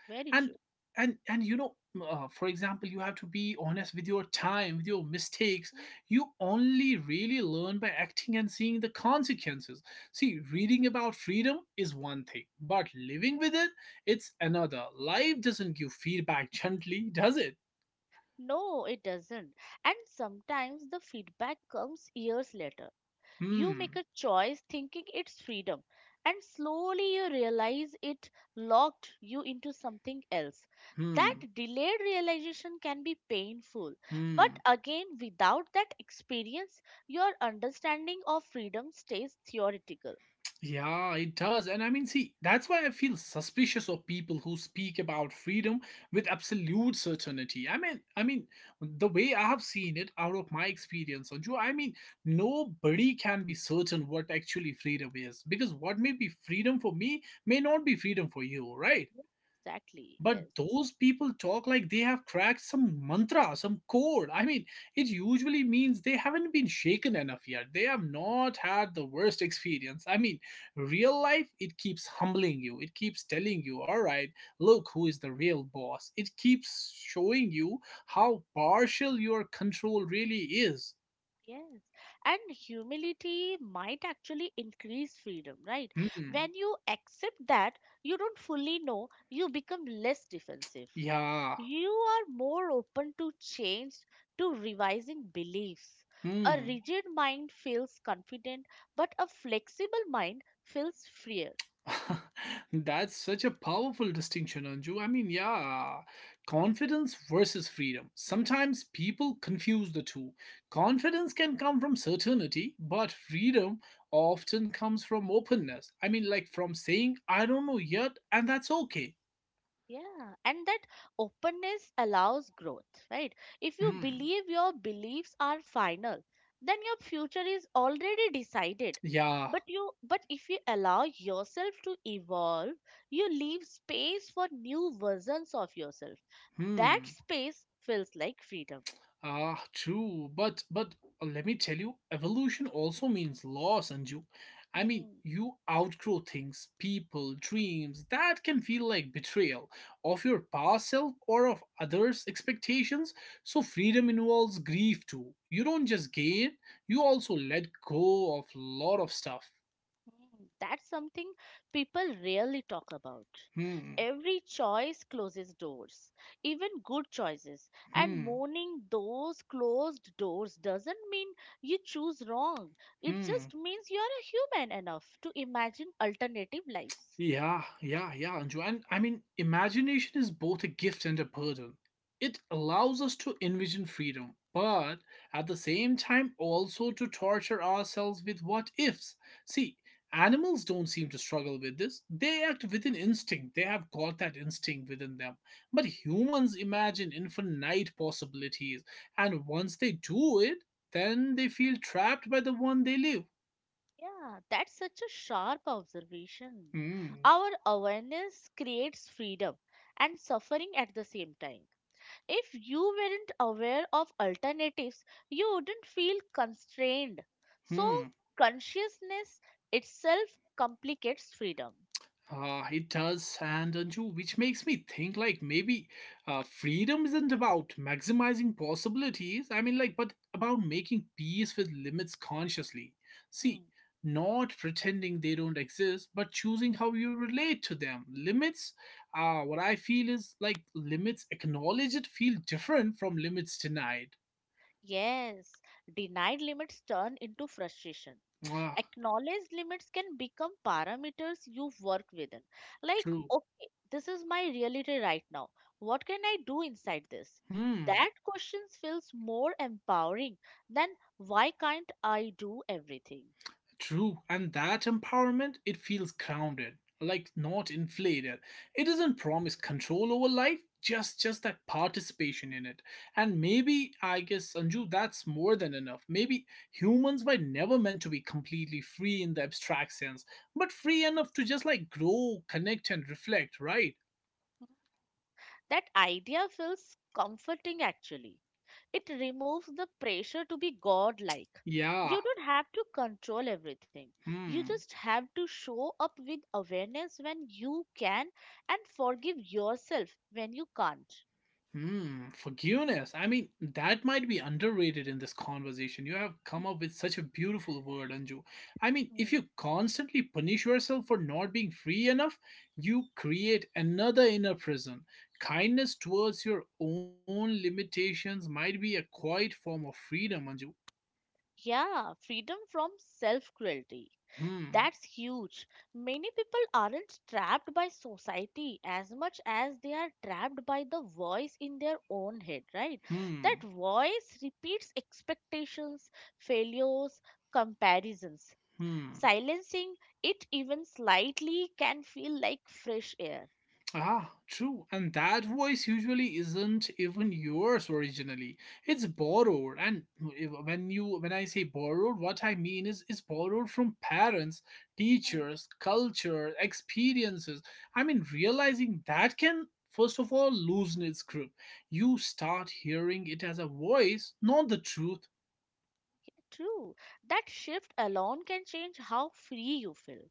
Speaker 2: very
Speaker 1: and
Speaker 2: true.
Speaker 1: and and you know, for example, you have to be honest with your time, with your mistakes.
Speaker 2: Mhm.
Speaker 1: You only really learn by acting and seeing the consequences. See, reading about freedom is one thing, but living with it, it's another. Life doesn't give feedback gently, does it?
Speaker 2: No, it doesn't. And sometimes the feedback comes years later. You make
Speaker 1: hmm
Speaker 2: a choice thinking it's freedom, and slowly you realize it locked you into something else. That
Speaker 1: hmm
Speaker 2: delayed realization can be painful, but
Speaker 1: hmm
Speaker 2: again, without that experience, your understanding of freedom stays theoretical.
Speaker 1: Yeah, it does. And I mean, see, that's why I feel suspicious of people who speak about freedom with absolute certainty. I mean, the way I have seen it out of my experience, Sanju. I mean, nobody can be certain what actually freedom is because what may be freedom for me may not be freedom for you, right?
Speaker 2: Exactly,
Speaker 1: But
Speaker 2: yes.
Speaker 1: those people talk like they have cracked some mantra, some code. I mean, it usually means they haven't been shaken enough yet, they have not had the worst experience. I mean, real life, it keeps humbling you, it keeps telling you, all right, look who is the real boss. It keeps showing you how partial your control really is.
Speaker 2: Yes, and humility might actually increase freedom, right?
Speaker 1: hmm
Speaker 2: When you accept that you don't fully know, you become less defensive.
Speaker 1: yeah
Speaker 2: You are more open to change, to revising beliefs. A
Speaker 1: hmm
Speaker 2: rigid mind feels confident, but a flexible mind feels freer.
Speaker 1: That's such a powerful distinction, Anju. I mean, yeah, confidence versus freedom. Sometimes people confuse the two. Confidence can come from certainty, but freedom often comes from openness. I mean, like from saying, I don't know yet, and that's okay.
Speaker 2: Yeah, and that openness allows growth, right? If you
Speaker 1: Hmm.
Speaker 2: believe your beliefs are final, then your future is already decided.
Speaker 1: Yeah.
Speaker 2: But if you allow yourself to evolve, you leave space for new versions of yourself. That
Speaker 1: Hmm.
Speaker 2: space feels like freedom.
Speaker 1: Ah, true. But let me tell you, evolution also means loss, Anju. I mean,
Speaker 2: Hmm.
Speaker 1: you outgrow things, people, dreams that can feel like betrayal of your past self or of others' expectations. So freedom involves grief too. You don't just gain, you also let go of a lot of stuff.
Speaker 2: Mm, that's something people rarely talk about.
Speaker 1: Hmm.
Speaker 2: Every choice closes doors, even good choices. And
Speaker 1: Hmm.
Speaker 2: mourning those closed doors doesn't mean you choose wrong. It
Speaker 1: Hmm.
Speaker 2: just means you're a human enough to imagine alternative lives.
Speaker 1: Yeah, yeah, yeah, Anju. And I mean, imagination is both a gift and a burden. It allows us to envision freedom, but at the same time, also to torture ourselves with what ifs. See, animals don't seem to struggle with this. They act within instinct, they have got that instinct within them. But humans imagine infinite possibilities, and once they do it, then they feel trapped by the one they live.
Speaker 2: Yeah, that's such a sharp observation.
Speaker 1: Hmm,
Speaker 2: Our awareness creates freedom and suffering at the same time. If you weren't aware of alternatives, you wouldn't feel constrained. So,
Speaker 1: hmm.
Speaker 2: consciousness itself complicates freedom.
Speaker 1: It does, and Anju, which makes me think like maybe freedom isn't about maximizing possibilities. I mean, like, but about making peace with limits consciously.
Speaker 2: Hmm.
Speaker 1: See, not pretending they don't exist, but choosing how you relate to them. Limits, what I feel is like limits acknowledged feel different from limits denied.
Speaker 2: Yes, denied limits turn into frustration.
Speaker 1: Ah,
Speaker 2: Acknowledged limits can become parameters you work within. Like,
Speaker 1: true.
Speaker 2: okay, this is my reality right now. What can I do inside this?
Speaker 1: Hmm.
Speaker 2: That question feels more empowering than why can't I do everything?
Speaker 1: True, and that empowerment, it feels grounded, like not inflated. It doesn't promise control over life, just that participation in it. And maybe I guess Sanju, that's more than enough. Maybe humans were never meant to be completely free in the abstract sense, but free enough to just like grow, connect and reflect, right?
Speaker 2: That idea feels comforting actually. It removes the pressure to be godlike.
Speaker 1: Yeah.
Speaker 2: You don't have to control everything. You
Speaker 1: Hmm.
Speaker 2: just have to show up with awareness when you can and forgive yourself when you can't.
Speaker 1: Hmm, forgiveness. I mean, that might be underrated in this conversation. You have come up with such a beautiful word, Anju. I mean, if
Speaker 2: Mhm.
Speaker 1: you constantly punish yourself for not being free enough, you create another inner prison. Kindness towards your own limitations might be a quiet form of freedom, Anju.
Speaker 2: Yeah, freedom from self cruelty.
Speaker 1: Hmm,
Speaker 2: That's huge. Many people aren't trapped by society as much as they are trapped by the voice in their own head, right? That
Speaker 1: hmm,
Speaker 2: voice repeats expectations, failures, comparisons.
Speaker 1: hmm.
Speaker 2: Silencing it even slightly can feel like fresh air.
Speaker 1: Ah, true. And that voice usually isn't even yours originally. It's borrowed. And when I say borrowed, what I mean is it's borrowed from parents,
Speaker 2: Mm,
Speaker 1: teachers, culture, experiences. I mean, realizing that can first of all loosen its grip. You start hearing it as a voice, not the truth.
Speaker 2: true. That shift alone can change how free you feel.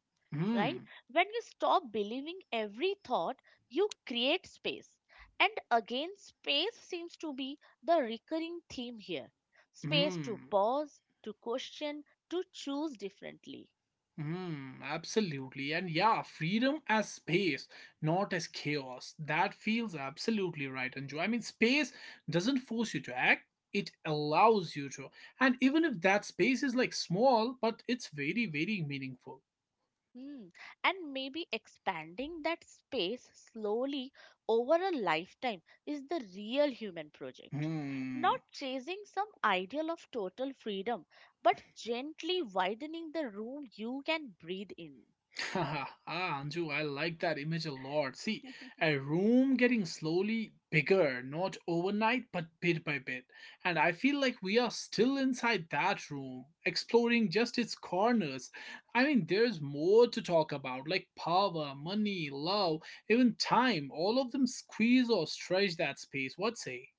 Speaker 2: Right?
Speaker 1: Hmm.
Speaker 2: When you stop believing every thought, you create space. And again, space seems to be the recurring theme here, space to
Speaker 1: Hmm.
Speaker 2: pause, to question, to choose differently.
Speaker 1: Mm, absolutely. And yeah, freedom as space, not as chaos. That feels absolutely right, Anju. I mean, space doesn't force you to act, it allows you to. And even if that space is like small, but it's very, very meaningful.
Speaker 2: Hmm. And maybe expanding that space slowly over a lifetime is the real human project.
Speaker 1: Hmm.
Speaker 2: Not chasing some ideal of total freedom, but gently widening the room you can breathe in.
Speaker 1: Ah, Anju, I like that image a lot. See, a room getting slowly bigger, not overnight, but bit by bit. And I feel like we are still inside that room, exploring just its corners. I mean, there's more to talk about, like power, money, love, even time. All of them squeeze or stretch that space. What say?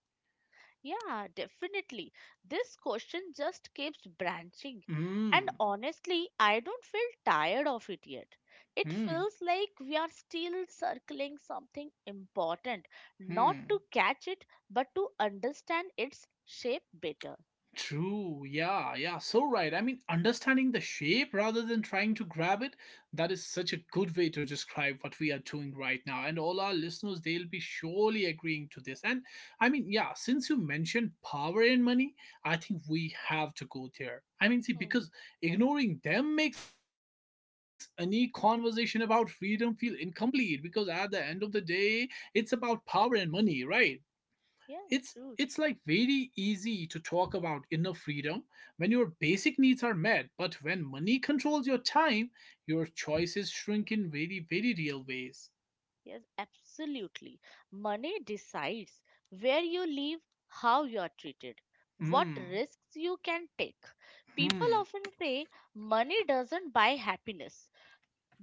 Speaker 2: Yeah, definitely. This question just keeps branching. And
Speaker 1: Hmm,
Speaker 2: honestly, I don't feel tired of it yet. It
Speaker 1: hmm,
Speaker 2: feels like we are still circling something important, not
Speaker 1: hmm.
Speaker 2: to catch it, but to understand its shape better.
Speaker 1: True, yeah, yeah, so right. I mean, understanding the shape rather than trying to grab it, that is such a good way to describe what we are doing right now. And all our listeners, they'll be surely agreeing to this. And I mean, yeah, since you mentioned power and money, I think we have to go there. I mean, see,
Speaker 2: Hmm.
Speaker 1: because ignoring them makes any conversation about freedom feel incomplete because at the end of the day, it's about power and money, right? it's
Speaker 2: Yeah,
Speaker 1: it's
Speaker 2: true,
Speaker 1: like
Speaker 2: true.
Speaker 1: very easy to talk about inner freedom when your basic needs are met, but when money controls your time, your choices shrink in very, very real ways.
Speaker 2: Yes, absolutely. Money decides where you live, how you are treated, what
Speaker 1: hmm
Speaker 2: risks you can take. People
Speaker 1: hmm
Speaker 2: often say money doesn't buy happiness,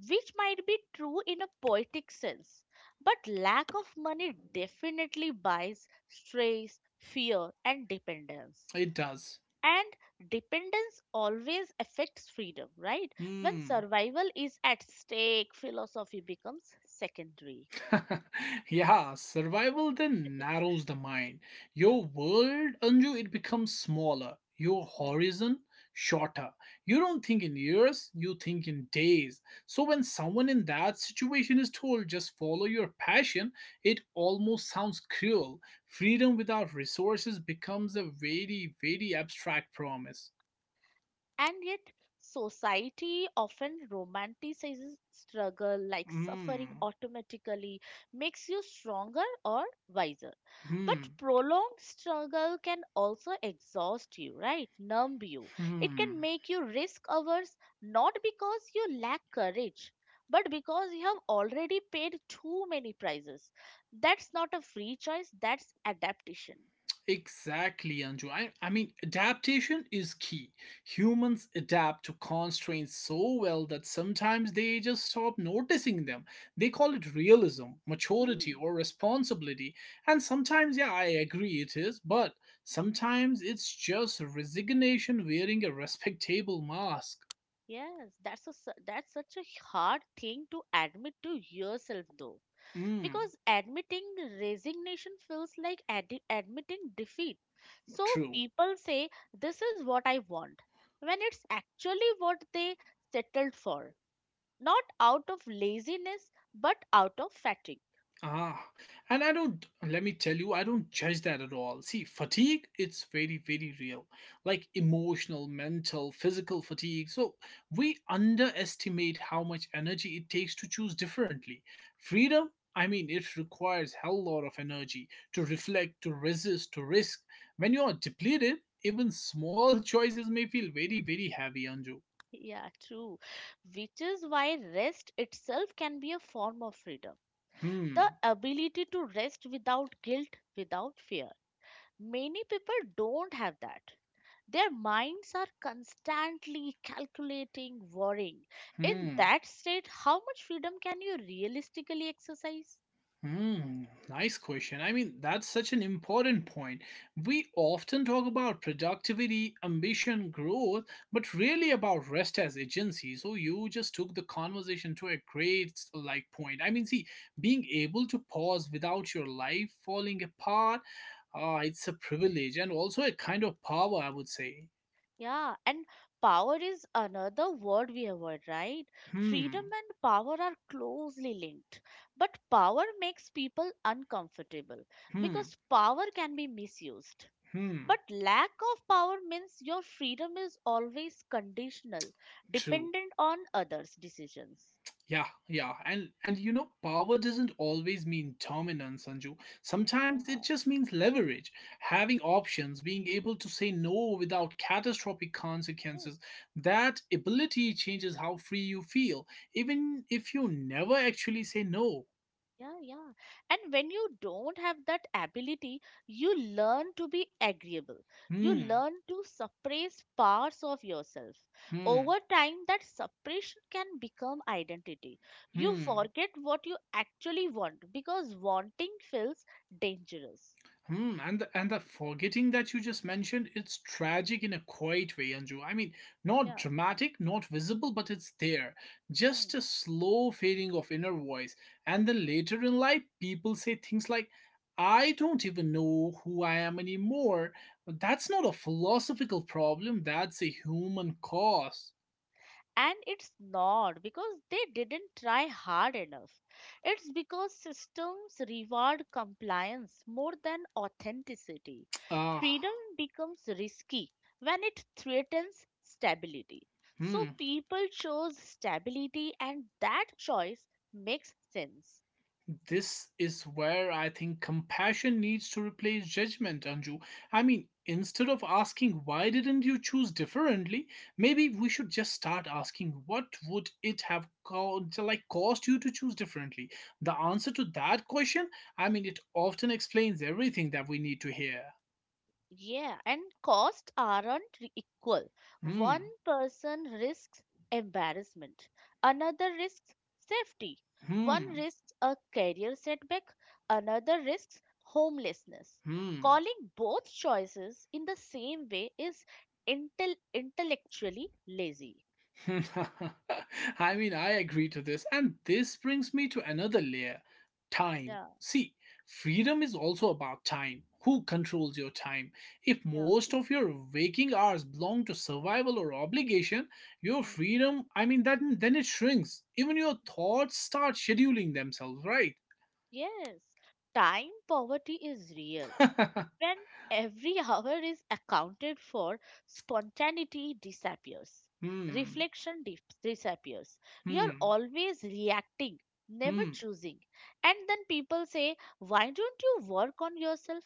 Speaker 2: which might be true in a poetic sense. But lack of money definitely buys stress, fear, and dependence.
Speaker 1: it does.
Speaker 2: And dependence always affects freedom, right? When
Speaker 1: hmm
Speaker 2: survival is at stake, philosophy becomes secondary.
Speaker 1: yeah, survival then narrows the mind. Your world, Anju, it becomes smaller. Your
Speaker 2: Yeah.
Speaker 1: horizon, shorter. You don't think in years, you think in days. So when someone in that situation is told, just follow your passion, it almost sounds cruel. Freedom without resources becomes a very, very abstract promise.
Speaker 2: And yet, society often romanticizes struggle like suffering
Speaker 1: Hmm.
Speaker 2: automatically makes you stronger or wiser. But
Speaker 1: Hmm.
Speaker 2: prolonged struggle can also exhaust you, right? Numb you. It
Speaker 1: Hmm.
Speaker 2: can make you risk averse, not because you lack courage, but because you have already paid too many prices. That's not a free choice, that's adaptation.
Speaker 1: Exactly, Anju. I mean, adaptation is key. Humans adapt to constraints so well that sometimes they just stop noticing them. They call it realism, maturity,
Speaker 2: Hmm.
Speaker 1: or responsibility. And sometimes, yeah, I agree it is, but sometimes it's just resignation wearing a respectable mask.
Speaker 2: Yes, that's such a hard thing to admit to yourself though.
Speaker 1: Mm,
Speaker 2: Because admitting resignation feels like admitting defeat. So
Speaker 1: true.
Speaker 2: people say this is what I want when it's actually what they settled for, not out of laziness but out of fatigue.
Speaker 1: Ah, and I don't, let me tell you, I don't judge that at all. See, fatigue, it's very, very real. Like
Speaker 2: Hmm.
Speaker 1: emotional, mental, physical fatigue. So we underestimate how much energy it takes to choose differently. Freedom, I mean, it requires hell lot of energy to reflect, to resist, to risk. When you are depleted, even small choices may feel very, very heavy on you.
Speaker 2: Yeah, true. Which is why rest itself can be a form of freedom.
Speaker 1: Hmm,
Speaker 2: The ability to rest without guilt, without fear. Many people don't have that. Their minds are constantly calculating, worrying. In
Speaker 1: hmm.
Speaker 2: that state, how much freedom can you realistically exercise?
Speaker 1: Hmm, nice question. I mean, that's such an important point. We often talk about productivity, ambition, growth, but really about rest as agency. So you just took the conversation to a great like point. I mean, see, being able to pause without your life falling apart, it's a privilege and also a kind of power, I would say.
Speaker 2: Yeah, and power is another word we avoid, right? Freedom
Speaker 1: Hmm,
Speaker 2: and power are closely linked. But power makes people uncomfortable
Speaker 1: hmm,
Speaker 2: because power can be misused.
Speaker 1: hmm.
Speaker 2: But lack of power means your freedom is always conditional,
Speaker 1: True.
Speaker 2: dependent on others' decisions.
Speaker 1: Yeah, yeah. And you know, power doesn't always mean dominance, Sanju. Sometimes it
Speaker 2: Yeah,
Speaker 1: just means leverage, having options, being able to say no without catastrophic
Speaker 2: yes,
Speaker 1: consequences. That ability changes how free you feel, even if you never actually say no.
Speaker 2: yeah, yeah. And when you don't have that ability, you learn to be agreeable. You
Speaker 1: Hmm,
Speaker 2: learn to suppress parts of yourself.
Speaker 1: hmm,
Speaker 2: Over time, that suppression can become identity. You
Speaker 1: hmm.
Speaker 2: forget what you actually want because wanting feels dangerous.
Speaker 1: Hmm, and the forgetting that you just mentioned, it's tragic in a quiet way, Anju. I mean, not
Speaker 2: Yeah.
Speaker 1: dramatic, not visible, but it's there.
Speaker 2: Hmm,
Speaker 1: Just a slow fading of inner voice. And then later in life, people say things like, I don't even know who I am anymore. But that's not a philosophical problem, that's a human cause.
Speaker 2: and it's not because they didn't try hard enough. It's because systems reward compliance more than authenticity.
Speaker 1: Ah,
Speaker 2: Freedom becomes risky when it threatens stability. So
Speaker 1: hmm.
Speaker 2: people chose stability, and that choice makes sense.
Speaker 1: This is where I think compassion needs to replace judgment, Anju. I mean, instead of asking why didn't you choose differently, maybe we should just start asking what would it have like cost you to choose differently. The answer to that question, I mean, it often explains everything that we need to hear.
Speaker 2: Yeah, and costs aren't equal. One
Speaker 1: Hmm.
Speaker 2: person risks embarrassment, another risks safety, one
Speaker 1: Hmm.
Speaker 2: risks a career setback, another risks homelessness.
Speaker 1: Hmm.
Speaker 2: Calling both choices in the same way is intellectually lazy.
Speaker 1: I mean, I agree to this. And this brings me to another layer, time.
Speaker 2: Yeah,
Speaker 1: See, freedom is also about time. Who controls your time? If
Speaker 2: yeah.
Speaker 1: most of your waking hours belong to survival or obligation, your
Speaker 2: Mm.
Speaker 1: freedom, I mean, that, then it shrinks. Even your thoughts start scheduling themselves, right?
Speaker 2: Yes, time poverty is real. When every hour is accounted for, spontaneity disappears,
Speaker 1: hmm,
Speaker 2: reflection disappears. You're
Speaker 1: hmm,
Speaker 2: always reacting, never
Speaker 1: hmm.
Speaker 2: choosing. And then people say, why don't you work on yourself?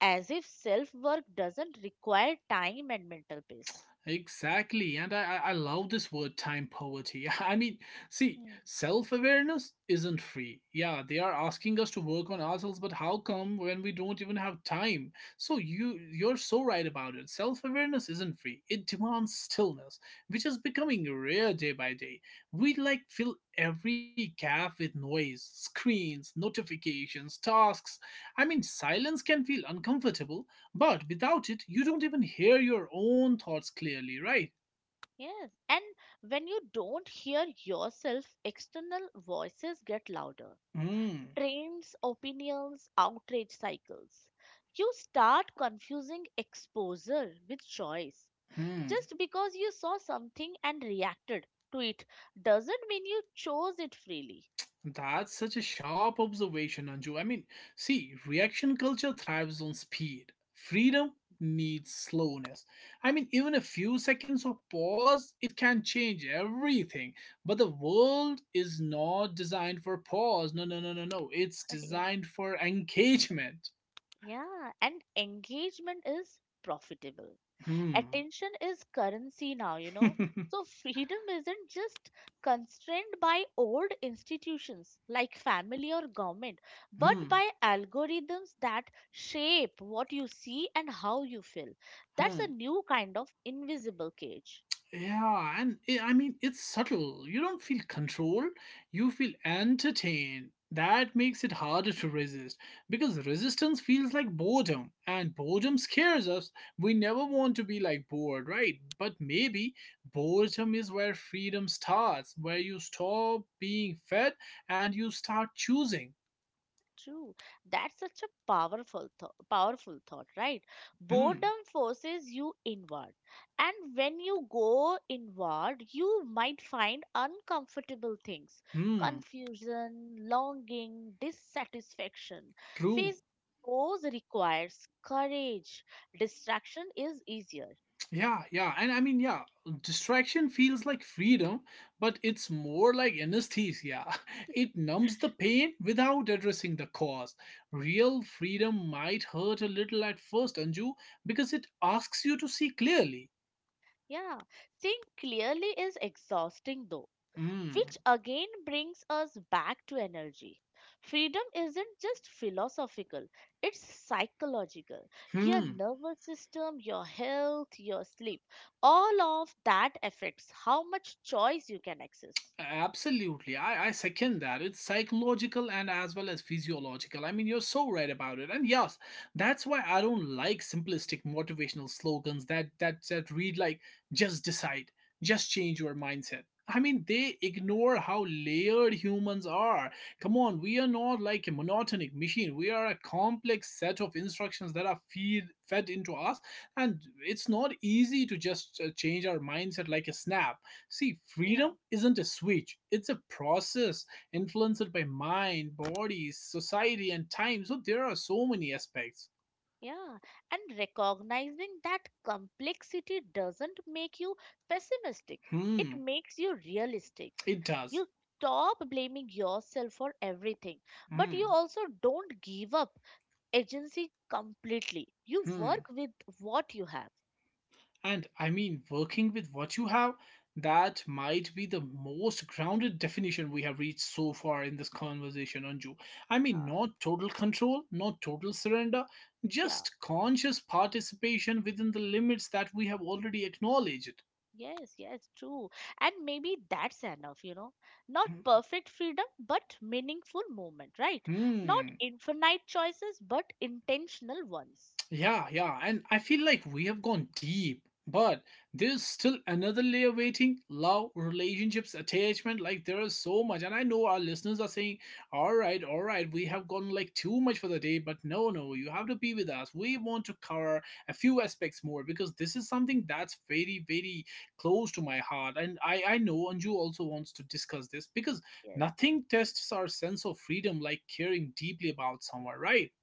Speaker 2: As if self work doesn't require time and mental peace.
Speaker 1: Exactly, and I love this word, time poverty. I mean, see,
Speaker 2: Hmm.
Speaker 1: self awareness isn't free. Yeah, they are asking us to work on ourselves, but how come when we don't even have time? So you you're so right about it. Self awareness isn't free. It demands stillness, which is becoming rare day by day. We like fill every gap with noise, screens, notifications, tasks. I mean, silence can feel uncomfortable, but without it, you don't even hear your own thoughts clearly, right?
Speaker 2: Yes, and when you don't hear yourself, external voices get louder.
Speaker 1: Hmm.
Speaker 2: Trends, opinions, outrage cycles. You start confusing exposure with choice.
Speaker 1: Hmm.
Speaker 2: Just because you saw something and reacted to it doesn't mean you chose it freely.
Speaker 1: That's such a sharp observation, Anju. I mean, see, reaction culture thrives on speed. Freedom needs slowness. I mean, even a few seconds of pause, it can change everything. But the world is not designed for pause. No, no, no, no, no. It's
Speaker 2: Yeah.
Speaker 1: designed for engagement.
Speaker 2: Yeah, and engagement is profitable.
Speaker 1: Hmm.
Speaker 2: Attention is currency now, you know. So freedom isn't just constrained by old institutions like family or government, but
Speaker 1: hmm.
Speaker 2: by algorithms that shape what you see and how you feel. That's
Speaker 1: Hmm.
Speaker 2: a new kind of invisible cage.
Speaker 1: Yeah, and I mean, it's subtle. You don't feel controlled, you feel entertained. That makes it harder to resist because resistance feels like boredom, and boredom scares us. We never want to be like bored, right? But maybe boredom is where freedom starts, where you stop being fed and you start choosing.
Speaker 2: True. That's such a powerful thought, right?
Speaker 1: Hmm,
Speaker 2: Boredom forces you inward. And when you go inward, you might find uncomfortable things,
Speaker 1: hmm,
Speaker 2: confusion, longing, dissatisfaction.
Speaker 1: true.
Speaker 2: Facing those requires courage. Distraction is easier.
Speaker 1: Yeah, yeah. And I mean, yeah, distraction feels like freedom, but it's more like anesthesia. It numbs the pain without addressing the cause. Real freedom might hurt a little at first, Anju, because it asks you to see clearly.
Speaker 2: Yeah. Seeing clearly is exhausting though.
Speaker 1: Mm.
Speaker 2: Which again brings us back to energy. Freedom isn't just philosophical, it's psychological. Your
Speaker 1: Hmm.
Speaker 2: nervous system, your health, your sleep, all of that affects how much choice you can access.
Speaker 1: Absolutely. I second that. It's psychological and as well as physiological. I mean, you're so right about it. And yes, that's why I don't like simplistic motivational slogans that read like just decide, just change your mindset. I mean, they ignore how layered humans are. Come on, we are not like a monotonic machine. We are a complex set of instructions that are fed into us, and it's not easy to just change our mindset like a snap. See,
Speaker 2: Yeah.
Speaker 1: freedom isn't a switch, it's a process influenced by mind, body, society, and time. So there are so many aspects.
Speaker 2: Yeah, and recognizing that complexity doesn't make you pessimistic, it
Speaker 1: Hmm,
Speaker 2: makes you realistic.
Speaker 1: it does.
Speaker 2: You stop blaming yourself for everything, but you
Speaker 1: Hmm,
Speaker 2: also don't give up agency completely. You
Speaker 1: hmm.
Speaker 2: work with what you have.
Speaker 1: And I mean, working with what you have, that might be the most grounded definition we have reached so far in this conversation, Anju. I
Speaker 2: Yeah,
Speaker 1: mean, not total control, not total surrender,
Speaker 2: yeah,
Speaker 1: just conscious participation within the limits that we have already acknowledged.
Speaker 2: yes, yes, true. And maybe that's enough, you know. Not perfect freedom, but meaningful movement, right?
Speaker 1: Hmm,
Speaker 2: Not
Speaker 1: hmm.
Speaker 2: infinite choices, but intentional ones.
Speaker 1: Yeah, yeah, and I feel like we have gone deep, but there's still another layer waiting: love, relationships, attachment. Like, there is so much. And I know our listeners are saying, all right, we have gone like too much for the day, but no, no, you have to be with us. We want to cover a few aspects more because this is something that's very, very close to my heart. And I know Anju also wants to discuss this because
Speaker 2: Yes,
Speaker 1: nothing
Speaker 2: yes.
Speaker 1: tests our sense of freedom like caring deeply about someone, right?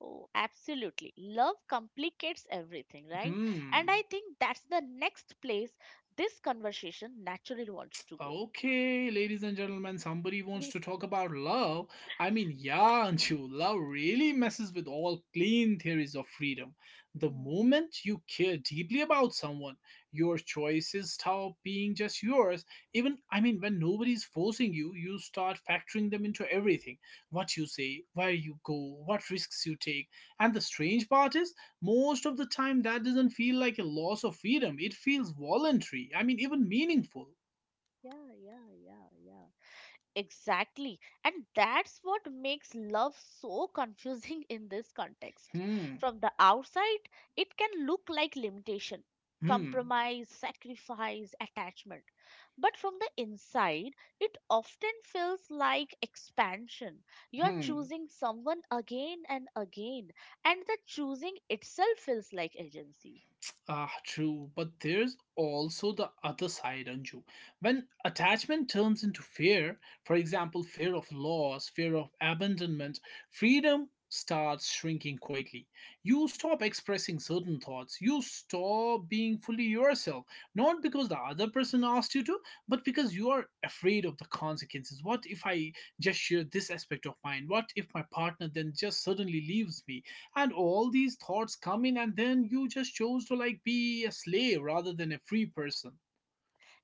Speaker 2: Oh, absolutely. Love complicates everything, right? And
Speaker 1: Hmm.
Speaker 2: I think that's the next place this conversation naturally wants to go.
Speaker 1: Okay, ladies and gentlemen, somebody wants to talk about love. I mean, yeah, Anshu, love really messes with all clean theories of freedom. The
Speaker 2: Hmm.
Speaker 1: moment you care deeply about someone, your choices stop being just yours. Even, I mean, when nobody's forcing you, you start factoring them into everything: what you say, where you go, what risks you take. And the strange part is, most of the time, that doesn't feel like a loss of freedom, it feels voluntary, I mean, even meaningful.
Speaker 2: Yeah, yeah, yeah, yeah. Exactly. And that's what makes love so confusing in this context.
Speaker 1: Hmm.
Speaker 2: From the outside, it can look like limitation,
Speaker 1: Hmm.
Speaker 2: compromise, sacrifice, attachment. But from the inside, it often feels like expansion. You're
Speaker 1: Hmm.
Speaker 2: choosing someone again and again, and the choosing itself feels like agency.
Speaker 1: Ah, true. But there's also the other side, Anju. When attachment turns into fear, for example, fear of loss, fear of abandonment, freedom starts shrinking quietly. You stop expressing certain thoughts. You stop being fully yourself, not because the other person asked you to, but because you are afraid of the consequences. What if I just share this aspect of mine? What if my partner then just suddenly leaves me? And all these thoughts come in, and then you just chose to like be a slave rather than a free person.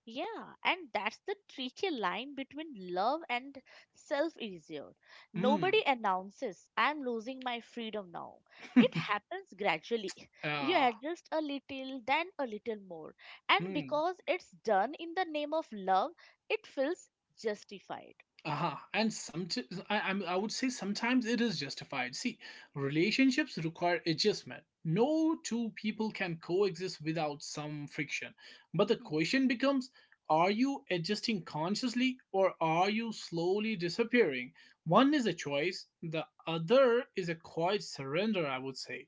Speaker 2: Yeah, and that's the tricky line between love and self erasure.
Speaker 1: Hmm.
Speaker 2: Nobody announces, I'm losing my freedom now. It happens gradually. You
Speaker 1: uh,
Speaker 2: adjust a little, then a little more. And
Speaker 1: hmm.
Speaker 2: because it's done in the name of love, it feels justified.
Speaker 1: Uh-huh. I I would say sometimes it is justified. See, relationships require adjustment. No two people can coexist without some friction, but the
Speaker 2: Hmm.
Speaker 1: question becomes, are you adjusting consciously or are you slowly disappearing? One is a choice, the other is a quiet surrender, I would say.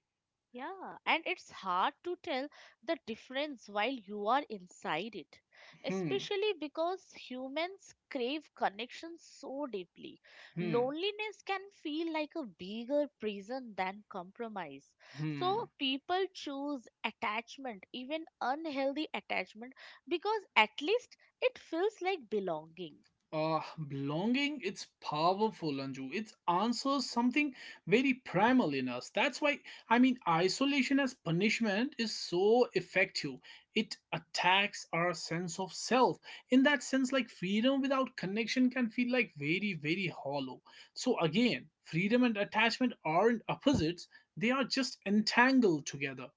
Speaker 2: Yeah, and it's hard to tell the difference while you are inside it,
Speaker 1: Hmm
Speaker 2: especially because humans crave connection so deeply.
Speaker 1: Hmm.
Speaker 2: Loneliness can feel like a bigger prison than compromise. So
Speaker 1: Hmm.
Speaker 2: people choose attachment, even unhealthy attachment, because at least it feels like belonging.
Speaker 1: Uh, Belonging, it's powerful, Anju. It answers something very primal in us. That's why, I mean, isolation as punishment is so effective. It attacks our sense of self. In that sense, like freedom without connection can feel like very, very hollow. So, again, freedom and attachment aren't opposites, they are just entangled together.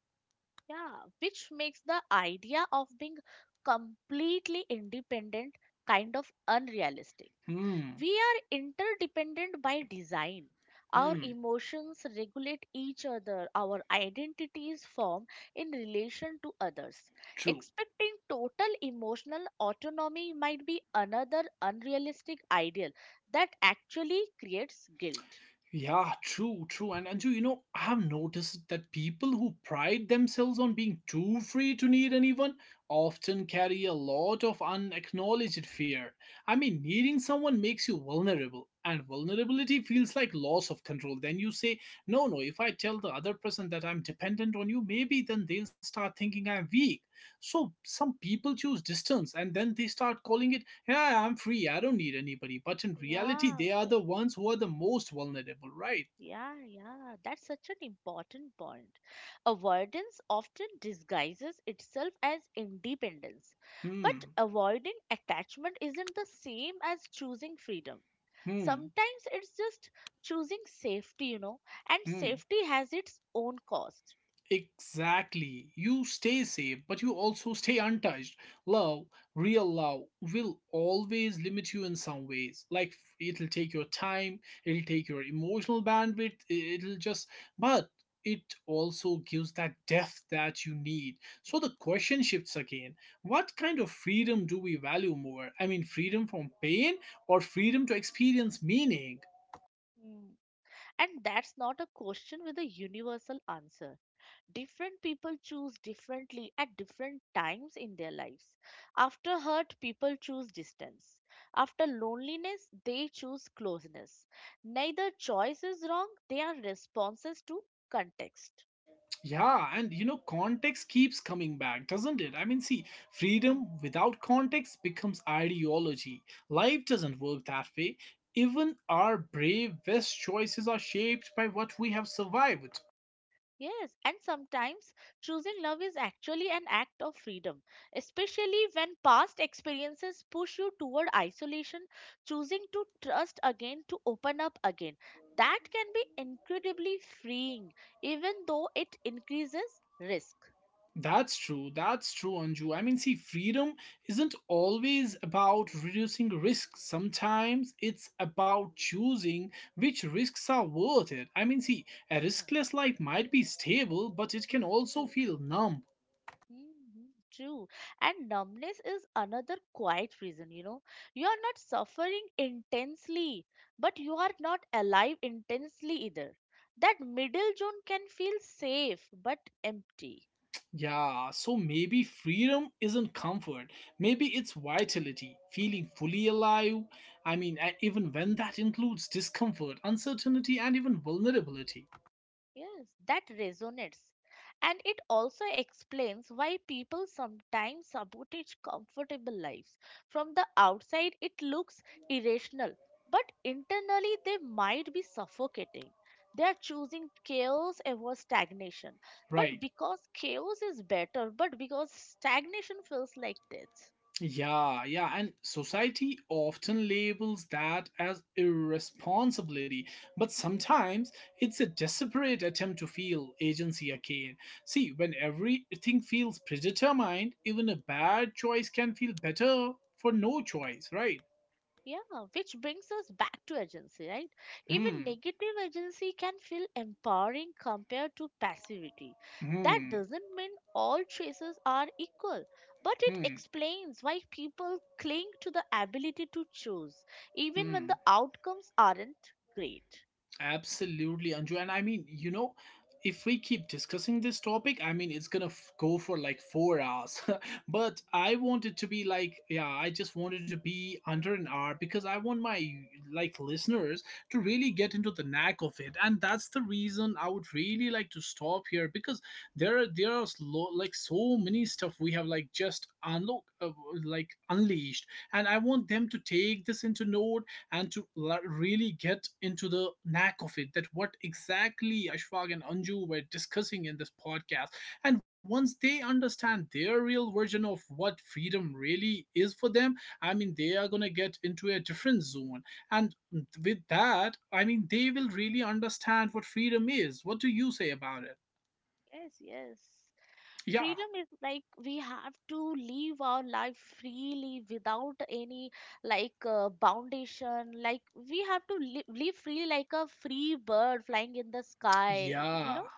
Speaker 2: Yeah, which makes the idea of being completely independent kind of unrealistic.
Speaker 1: Hmm.
Speaker 2: We are interdependent by design. Our
Speaker 1: Hmm.
Speaker 2: emotions regulate each other, our identities form in relation to others.
Speaker 1: True.
Speaker 2: Expecting total emotional autonomy might be another unrealistic ideal that actually creates guilt.
Speaker 1: Yeah, true, true. And Anju, you know, I have noticed that people who pride themselves on being too free to need anyone often carry a lot of unacknowledged fear. I mean, needing someone makes you vulnerable, and vulnerability feels like loss of control. Then you say, no, no, if I tell the other person that I'm dependent on you, maybe then they'll start thinking I'm weak. So some people choose distance and then they start calling it, yeah, I'm free. I don't need anybody. But in reality,
Speaker 2: Yeah,
Speaker 1: they are the ones who are the most vulnerable, right?
Speaker 2: yeah, yeah, that's such an important point. Avoidance often disguises itself as independence, but
Speaker 1: Hmm.
Speaker 2: avoiding attachment isn't the same as choosing freedom.
Speaker 1: Hmm.
Speaker 2: Sometimes it's just choosing safety, you know, and
Speaker 1: Hmm.
Speaker 2: safety has its own cost.
Speaker 1: Exactly. You stay safe, but you also stay untouched. Love, real love, will always limit you in some ways. Like it'll take your time, it'll take your emotional bandwidth, I- it'll just. But it also gives that depth that you need. So the question shifts again: what kind of freedom do we value more? I mean, freedom from pain or freedom to experience meaning?
Speaker 2: Mm. And that's not a question with a universal answer. Different people choose differently at different times in their lives. After hurt, people choose distance. After loneliness, they choose closeness. Neither choice is wrong, they are responses to context.
Speaker 1: Yeah, and you know, context keeps coming back, doesn't it? I mean, see,
Speaker 2: Hmm.
Speaker 1: freedom without context becomes ideology. Life doesn't work that way. Even our brave best choices are shaped by what we have survived.
Speaker 2: Yes, and sometimes choosing love is actually an act of freedom, especially when past experiences push you toward isolation, choosing to trust again, to open up again. That can be incredibly freeing, even though it increases risk.
Speaker 1: That's true, Anju. I mean, see, freedom isn't always about reducing risk. Sometimes it's about choosing which risks are worth it. I mean, see, a
Speaker 2: Uh,
Speaker 1: riskless life might be stable, but it can also
Speaker 2: true.
Speaker 1: feel numb.
Speaker 2: Mhm, true. And numbness is another quiet reason, you know. You are not suffering intensely, but you are not alive intensely either. That middle zone can feel safe but empty.
Speaker 1: Yeah, so maybe freedom isn't comfort. Maybe it's vitality, feeling fully alive. I mean, even when that includes discomfort, uncertainty, and even vulnerability.
Speaker 2: Yes, that resonates. And it also explains why people sometimes sabotage comfortable lives. From the outside, it looks irrational, but internally, they might be suffocating. They are choosing chaos over stagnation. But
Speaker 1: Right.
Speaker 2: because chaos is better, but because stagnation feels like death.
Speaker 1: Yeah, yeah, and society often labels that as irresponsibility, but sometimes it's a desperate attempt to feel agency again. See, when everything feels predetermined, even a bad choice can feel better for no choice, right?
Speaker 2: Yeah, which brings us back to agency, right? Even
Speaker 1: Hmm.
Speaker 2: negative agency can feel empowering compared to passivity. That
Speaker 1: Hmm,
Speaker 2: doesn't mean all choices are equal, but it
Speaker 1: hmm,
Speaker 2: explains why people cling to the ability to choose, even when
Speaker 1: hmm.
Speaker 2: the outcomes aren't great.
Speaker 1: Absolutely, Anju. And I mean, you know, if we keep discussing this topic, I mean, it's gonna go for like 4 hours. But I want it to be like, yeah, I just wanted to be under an hour because I want my like listeners to really get into the knack of it, and that's the reason I would really like to stop here because there are like so many stuff we have like just unlock like unleashed, and I want them to take this into note and to really get into the knack of it, that what exactly Ashfaq and Anju were discussing in this podcast. And once they understand their real version of what freedom really is for them, I mean, they are going to get into a different zone. And with that, I mean, they will really understand what freedom is. What do you say about it?
Speaker 2: Yes, yes.
Speaker 1: Yeah.
Speaker 2: Freedom is like we have to live our life freely without any like foundation, like we have to live free like a free bird flying in the sky, you
Speaker 1: Yeah.
Speaker 2: know.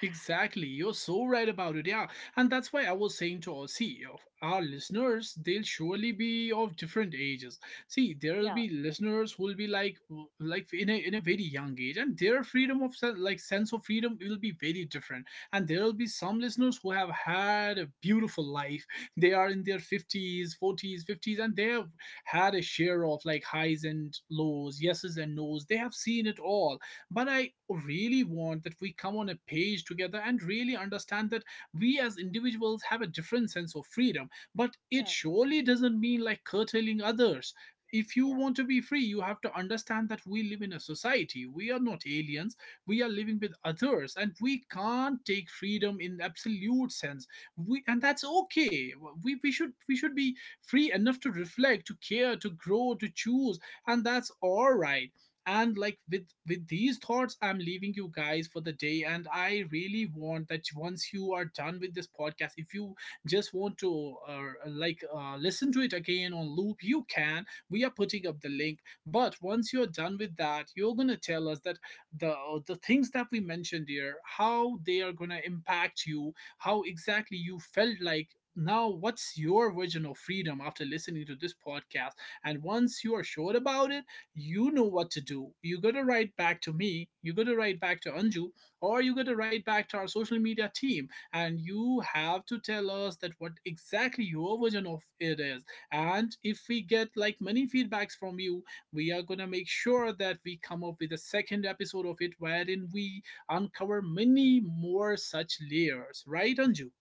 Speaker 1: Exactly, you're so right about it, yeah. And that's why I was saying to our see of our listeners, they'll surely be of different ages. See, there'll
Speaker 2: Yeah,
Speaker 1: be listeners who'll be like in a very young age, and their freedom of like sense of freedom will be very different. And there'll be some listeners who have had a beautiful life. They are in their fifties, forties, fifties, and they have had a share of like highs and lows, yeses and nos. They have seen it all, but I really want that we come on a page together and really understand that we as individuals have a different sense of freedom. But it
Speaker 2: yeah,
Speaker 1: surely doesn't mean like curtailing others. If you
Speaker 2: yeah.
Speaker 1: want to be free, you have to understand that we live in a society. We are not aliens. We are living with others, and we can't take freedom in absolute sense. We, and that's okay. We should be free enough to reflect, to care, to grow, to choose, and that's all right. And like with these thoughts, I'm leaving you guys for the day, and I really want that once you are done with this podcast, if you just want to like listen to it again on loop, you can. We are putting up the link, but once you're done with that, you're going to tell us that the the things that we mentioned here, how they are going to impact you, how exactly you felt like, now what's your version of freedom after listening to this podcast. And once you are sure about it, you know what to do. You got to write back to me, you got to write back to Anju, or you got to write back to our social media team. And you have to tell us that what exactly your version of it is. And if we get like many feedbacks from you, we are going to make sure that we come up with a second episode of it wherein we uncover many more such layers. Right, Anju?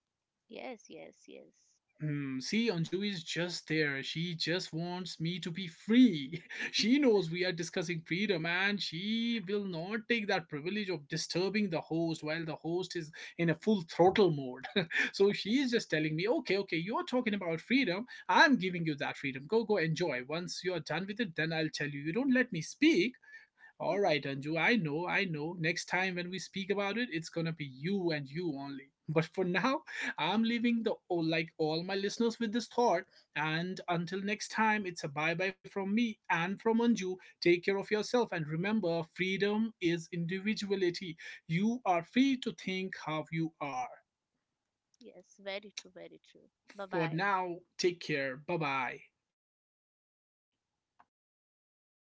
Speaker 2: Yes, yes, yes.
Speaker 1: Hmm, see, Anju is just there. She just wants me to be free. She knows we are discussing freedom and she will not take that privilege of disturbing the host while the host is in a full throttle mode. So she is just telling me, okay, okay, you're talking about freedom. I'm giving you that freedom. Go, go, enjoy. Once you're done with it, then I'll tell you. You don't let me speak. All right, Anju, I know, I know. Next time when we speak about it, it's gonna be you and you only. But for now, I'm leaving the oh, like all my listeners with this thought. And until next time, it's a bye bye from me and from Anju. Take care of yourself and remember, freedom is individuality. You are free to think how you are.
Speaker 2: Yes, very true, very true. Bye
Speaker 1: For
Speaker 2: bye.
Speaker 1: now, take care. Bye bye.